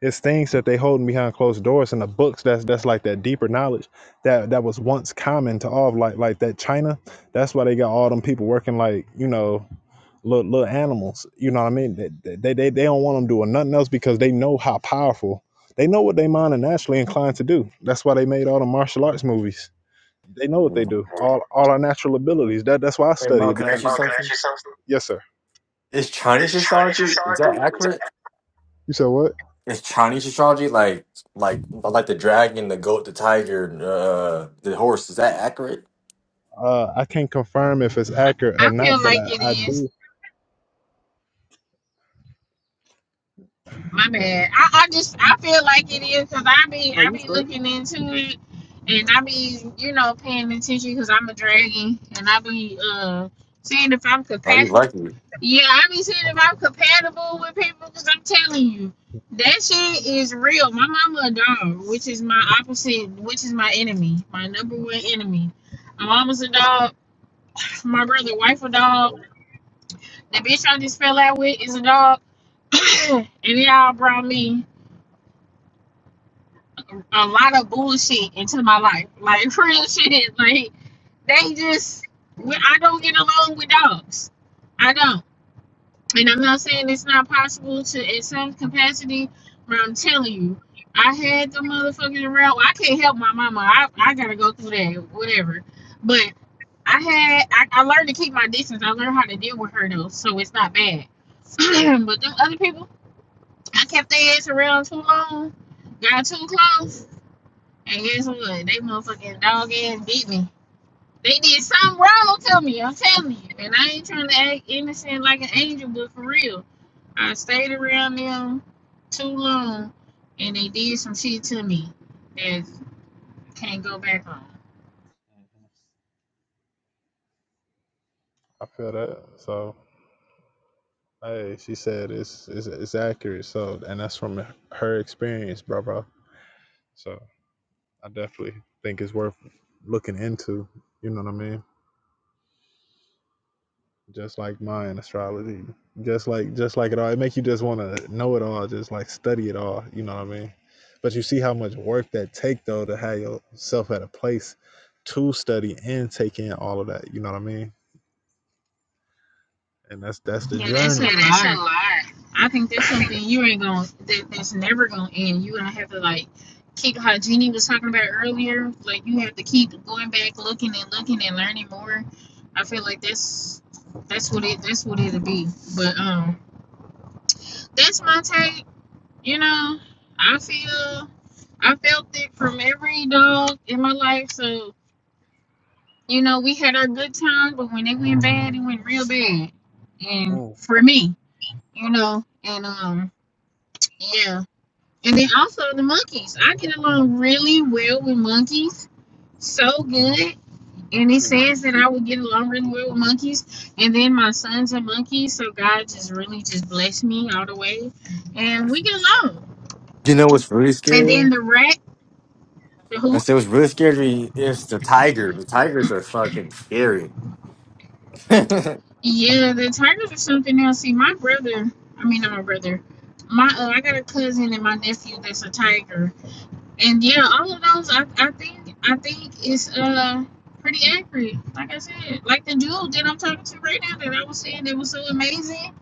it's things that they holding behind closed doors in the books that's that's like that deeper knowledge that that was once common to all of like like that China. That's why they got all them people working like, you know, little, little animals. You know what I mean? They, they, they, they don't want them doing nothing else because they know how powerful. They know what they mind are naturally inclined to do. That's why they made all the martial arts movies. They know what
yeah.
they do. All all our natural abilities. That that's why I
Hey
study
Mo,
it
can I
because. Hey,
ask
Mo,
you
can I ask
something?
you something? Yes, sir.
Is
Is
Chinese
Chinese your
astrology is
shark
that
food? that-
accurate?
You said what?
Is Chinese astrology like like like the dragon, the goat, the tiger, uh, the horse? Is that accurate?
Uh, I can't confirm if it's accurate or
I feel
not, but
like it
I, I
is.
do.
My
Uh,
bad. I, I just I feel like it is because I be
oh,
I
you
be
straight?
looking into it and I be you know paying attention because I'm a dragon and I be uh seeing if I'm
Oh, you
compa
lucky.
Yeah, I be seeing if I'm compatible with people because I'm telling you that shit is real. My mama a dog, which is my opposite, which is my enemy, my number one enemy. My mama's a dog. My brother' wife a dog. The bitch I just fell out with is a dog, and they all brought me. a lot of bullshit into my life. Like real shit. Like they just I don't get along with dogs. I don't. And I'm not saying it's not possible to in some capacity, but I'm telling you, I had the motherfuckers around. I can't help my mama. I, I gotta go through that, whatever. But I had I, I learned to keep my distance. I learned how to deal with her though, so it's not bad. but them other people, I kept their ass around too long, got too close and guess what? They motherfucking dog ass beat me. They did something wrong to me, I'm telling you. And I ain't trying to act innocent like an angel, but for real. I stayed around them too long and they did some shit to me that I can't go back on.
I feel that. So, hey, she said it's it's, it's accurate. So, and that's from her experience, bro, bro. So. I definitely think it's worth looking into. You know what I mean? Just like Mayan astrology, just like just like it all, it make you just want to know it all, just like study it all. You know what I mean? But you see how much work that take though to have yourself at a place to study and take in all of that. You know what I mean? And that's that's the
Yeah, that's
journey. Yeah,
a
that's a
lot.
lot.
I think that's something you ain't gonna that, that's never gonna end. You gonna have to like keep how Jeannie was talking about earlier. Like you have to keep going back, looking and looking and learning more. I feel like that's that's what it that's what it'll be. But um, that's my take. You know, I feel I felt it from every dog in my life. So you know, we had our good times, but when it went bad, it went real bad. And for me, you know, and um, yeah. And then also the monkeys. I get along really well with monkeys. So good. And it says that I would get along really well with monkeys. And then my sons are monkeys. So God just really just blessed me all the way. And we get along.
You know what's really
And then
scary?
the rat, the
I
hoop.
said what's really scary is the tiger. The tigers are fucking scary. Uh-oh.
Mm-hmm.
Yeah, the tigers are something else. See, my brother, I mean, not my brother. My uh, I got a cousin and my nephew that's a tiger and yeah, all of those, I, I think, I think is uh pretty accurate. Like I said, like the dude that I'm talking to right now that I was saying that was so amazing,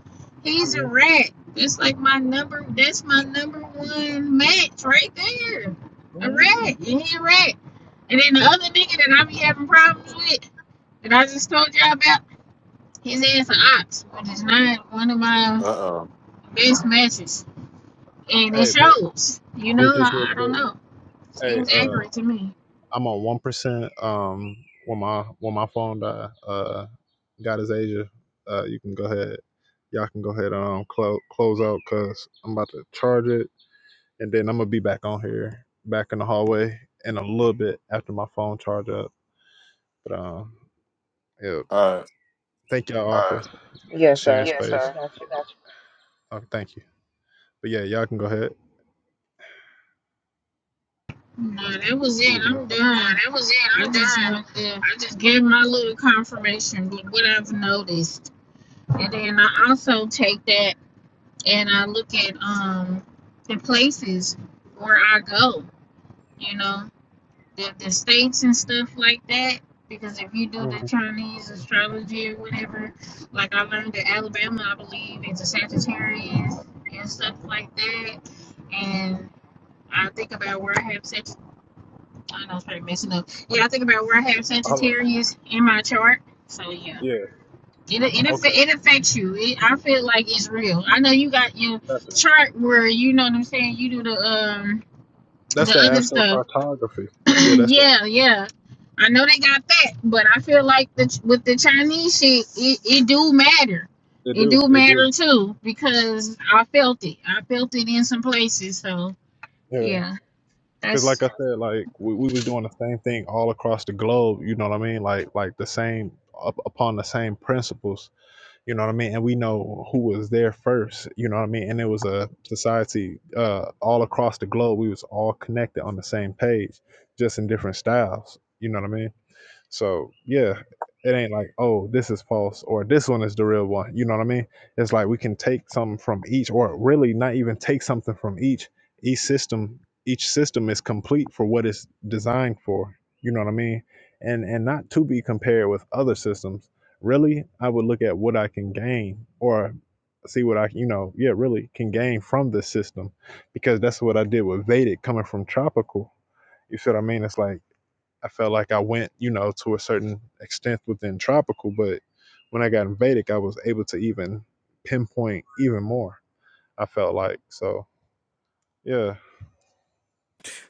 he's
Mm-hmm.
a rat. That's like my number. That's my number one match right there. A
Mm-hmm.
rat, and he a rat. And then the other nigga that I be having problems with, that I just told y'all about, his ass an ox, which is not one of my
uh
best matches, and it
Hey, bro,
shows. You know,
just just real
I, I don't
quick.
know.
Hey,
Seems
uh,
accurate to me.
I'm on one percent. Um, when my when my phone die, uh, God is Asia. Uh, you can go ahead. Y'all can go ahead and um, close close out because I'm about to charge it, and then I'm gonna be back on here, back in the hallway in a little bit after my phone charge up. But um, yeah,
oh.
thank y'all all Uh, for
Yes,
sharing
sir.
yes, space.
I
sir.
got you.
I got you. Uh, thank you. But yeah, y'all can go ahead.
Nah, that was
He
it.
was a No,
I'm done.
that was it.
I
I'm done.
just want to
I just
give my little confirmation with what I've noticed. And then I also take that and I look at um the places where I go, you know, the, the states and stuff like that. Because if you do
Mhm.
the Chinese astrology or whatever, like I learned that Alabama, I believe, is a Sagittarius and stuff like that. And I think about where I have Sagittarius. I know it's pretty messing up. Yeah, I think about where I have
Hello.
Sagittarius in my chart. So yeah,
Yeah.
it it,
Okay.
it affects you. It, I feel like it's real. I know you got your
Definitely.
chart where you know what I'm saying. You do the um
That's
the
the
other stuff.
astrocartography. Yeah. That's
yeah, yeah. I know they got that, but I feel like the, with the Chinese shit, it, it do matter.
It
It
do.
do
It do.
matter too because I felt it. I felt it in some places. So
Yeah.
yeah,
Cause like I
that's
said, like we, we was doing the same thing all across the globe. You know what I mean? Like like the same up, upon the same principles. You know what I mean? And we know who was there first. You know what I mean? And it was a society uh all across the globe. We was all connected on the same page, just in different styles. You know what I mean? So yeah, it ain't like oh this is false or this one is the real one. You know what I mean? It's like we can take something from each, or really not even take something from each. Each system, each system is complete for what it's designed for. You know what I mean? And and not to be compared with other systems. Really, I would look at what I can gain or see what I you know yeah really can gain from this system, because that's what I did with Vedic coming from tropical. You see what I mean? It's like I felt like I went, you know, to a certain extent within tropical, but when I got in Vedic, I was able to even pinpoint even more. I felt like so, yeah,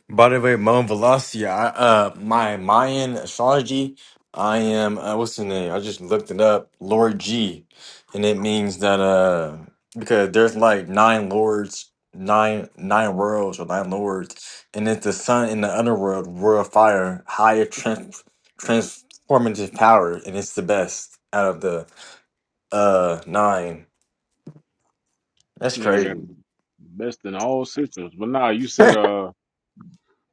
By the way, Mount Velastia, I, uh, my Mayan astrology, I am, uh, what's the name? I just looked it up, Lord G. And it means that, uh, because there's like nine lords, nine nine worlds or nine lords, and it's the sun in the underworld, world of fire, higher trans transformative power, and it's the best out of the uh nine.
This
That's
nigga got
crazy.
the best in all systems. But nah, you said uh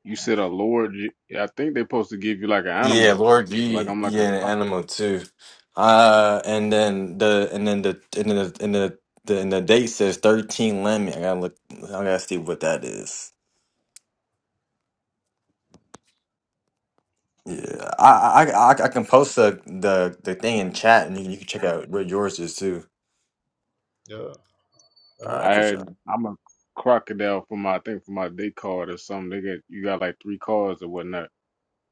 you said a lord. y- I think they supposed to give you like an
Yeah,
animal.
Lord
'Cause, like
G.
I'm like a
Yeah, and Anima too. Uh, and then the and then the and then the and the, the and the date says thirteen Lemmy. I gotta look. I gotta see what that is. Yeah, I I I, I can post the, the the thing in chat, and you can, you can check out where yours is too.
yeah.
All
yeah.
I
right, for
had
sure.
I'm a crocodile for my I think for my day card or something. They got you got like three cards or whatnot.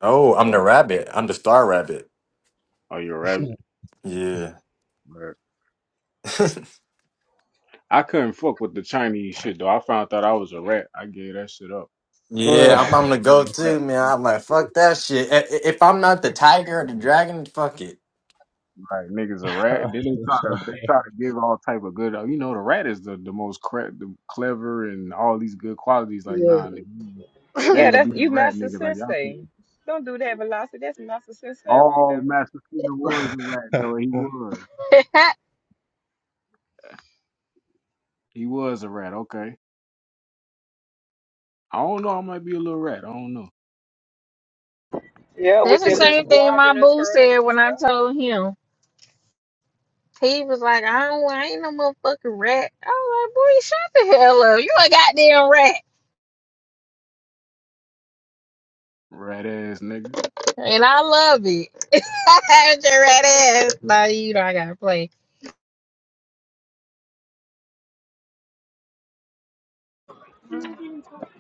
Oh, I'm the
Or
rabbit. I'm the star rabbit.
are you a rabbit?
Yeah.
I couldn't fuck with the Chinese shit though. I found out I was a rat. I gave that shit up. I'm
Well,
Yeah,
not
I'm,
finna
I'm the
be a
go-to
rat.
man. I'm like, fuck that shit. I- i- If I'm not the tiger or the
bro.
dragon, fuck it.
Like niggas a rat. Then they try to they try to give all type of good. You know the rat is the the most cre- the clever and all these good qualities. Like nah, nigga, I
Yeah,
ain't gonna be
that's
a
you,
rat,
Master
nigga. Like y'all, could-
Sensei. Don't do that, Velocity. That's Master Sensei right
all
there.
Master Splinter was a rat though. He
yeah.
was. He was a rat. Okay. I don't know. I might be a little rat. I don't know.
Yeah,
That's
with
the
your little
same thing my
squadron of
boo
turtles
said
and
when I
stuff.
told him. He was like, I don't I ain't no motherfucking rat. I was like, boy, shut the hell up. You a goddamn rat.
Rat ass nigga.
And I love it. Your rat ass. Now you know I gotta play.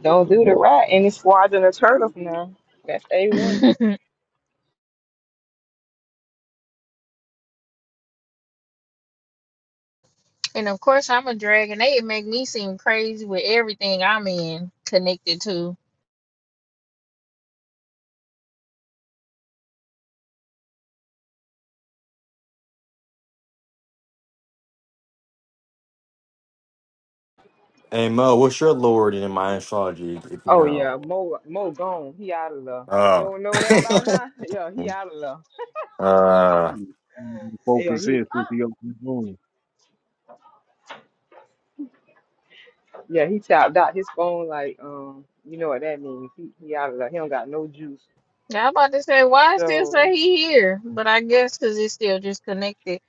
Don't do the right. Any squadron of turtles now. That's A1.
and of course I'm a dragon. They make me seem crazy with everything I'm in connected to.
Hey Mo, what's your lord in my astrology, if you
Oh,
know?
yeah. Mo, Mo gone. He out of love. You
Oh.
don't know that by now? Yeah, he out of love.
uh,
Four
Yeah, he
percent since he opened the room.
yeah he tapped out his phone like um you know what that means. He, he out of love. He don't got no juice.
Now, I'm about to say, why it still
So
say he here? But I guess because it's still just connected.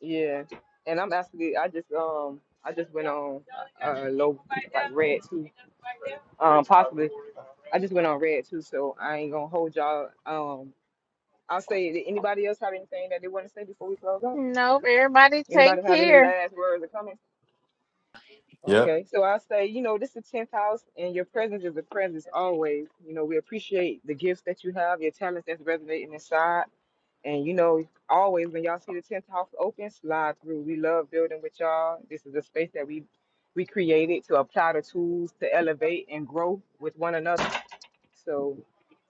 Yeah, and I'm actually I just um I just went on uh low like red too um possibly I just went on red too so I ain't gonna hold y'all um I'll say did anybody else have anything that they want to say before we close up
Nope, everybody take
anybody have any
care.
last words or comments
yep.
okay so I'll say you know this is the 10th house and your presence is a presence always you know we appreciate the gifts that you have your talents that's resonating inside And you know, always when y'all see the tenth house open, slide through. We love building with y'all. This is a space that we we created to apply the tools to elevate and grow with one another. So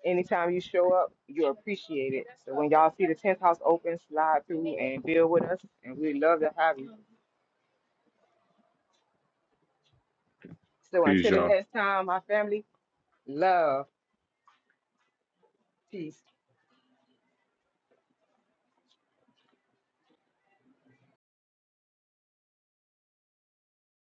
anytime you show up, you're appreciated. So when y'all see the tenth house open, slide through and build with us, and we love to have you. So
Peace,
until the
y'all.
next time, my family, love, peace.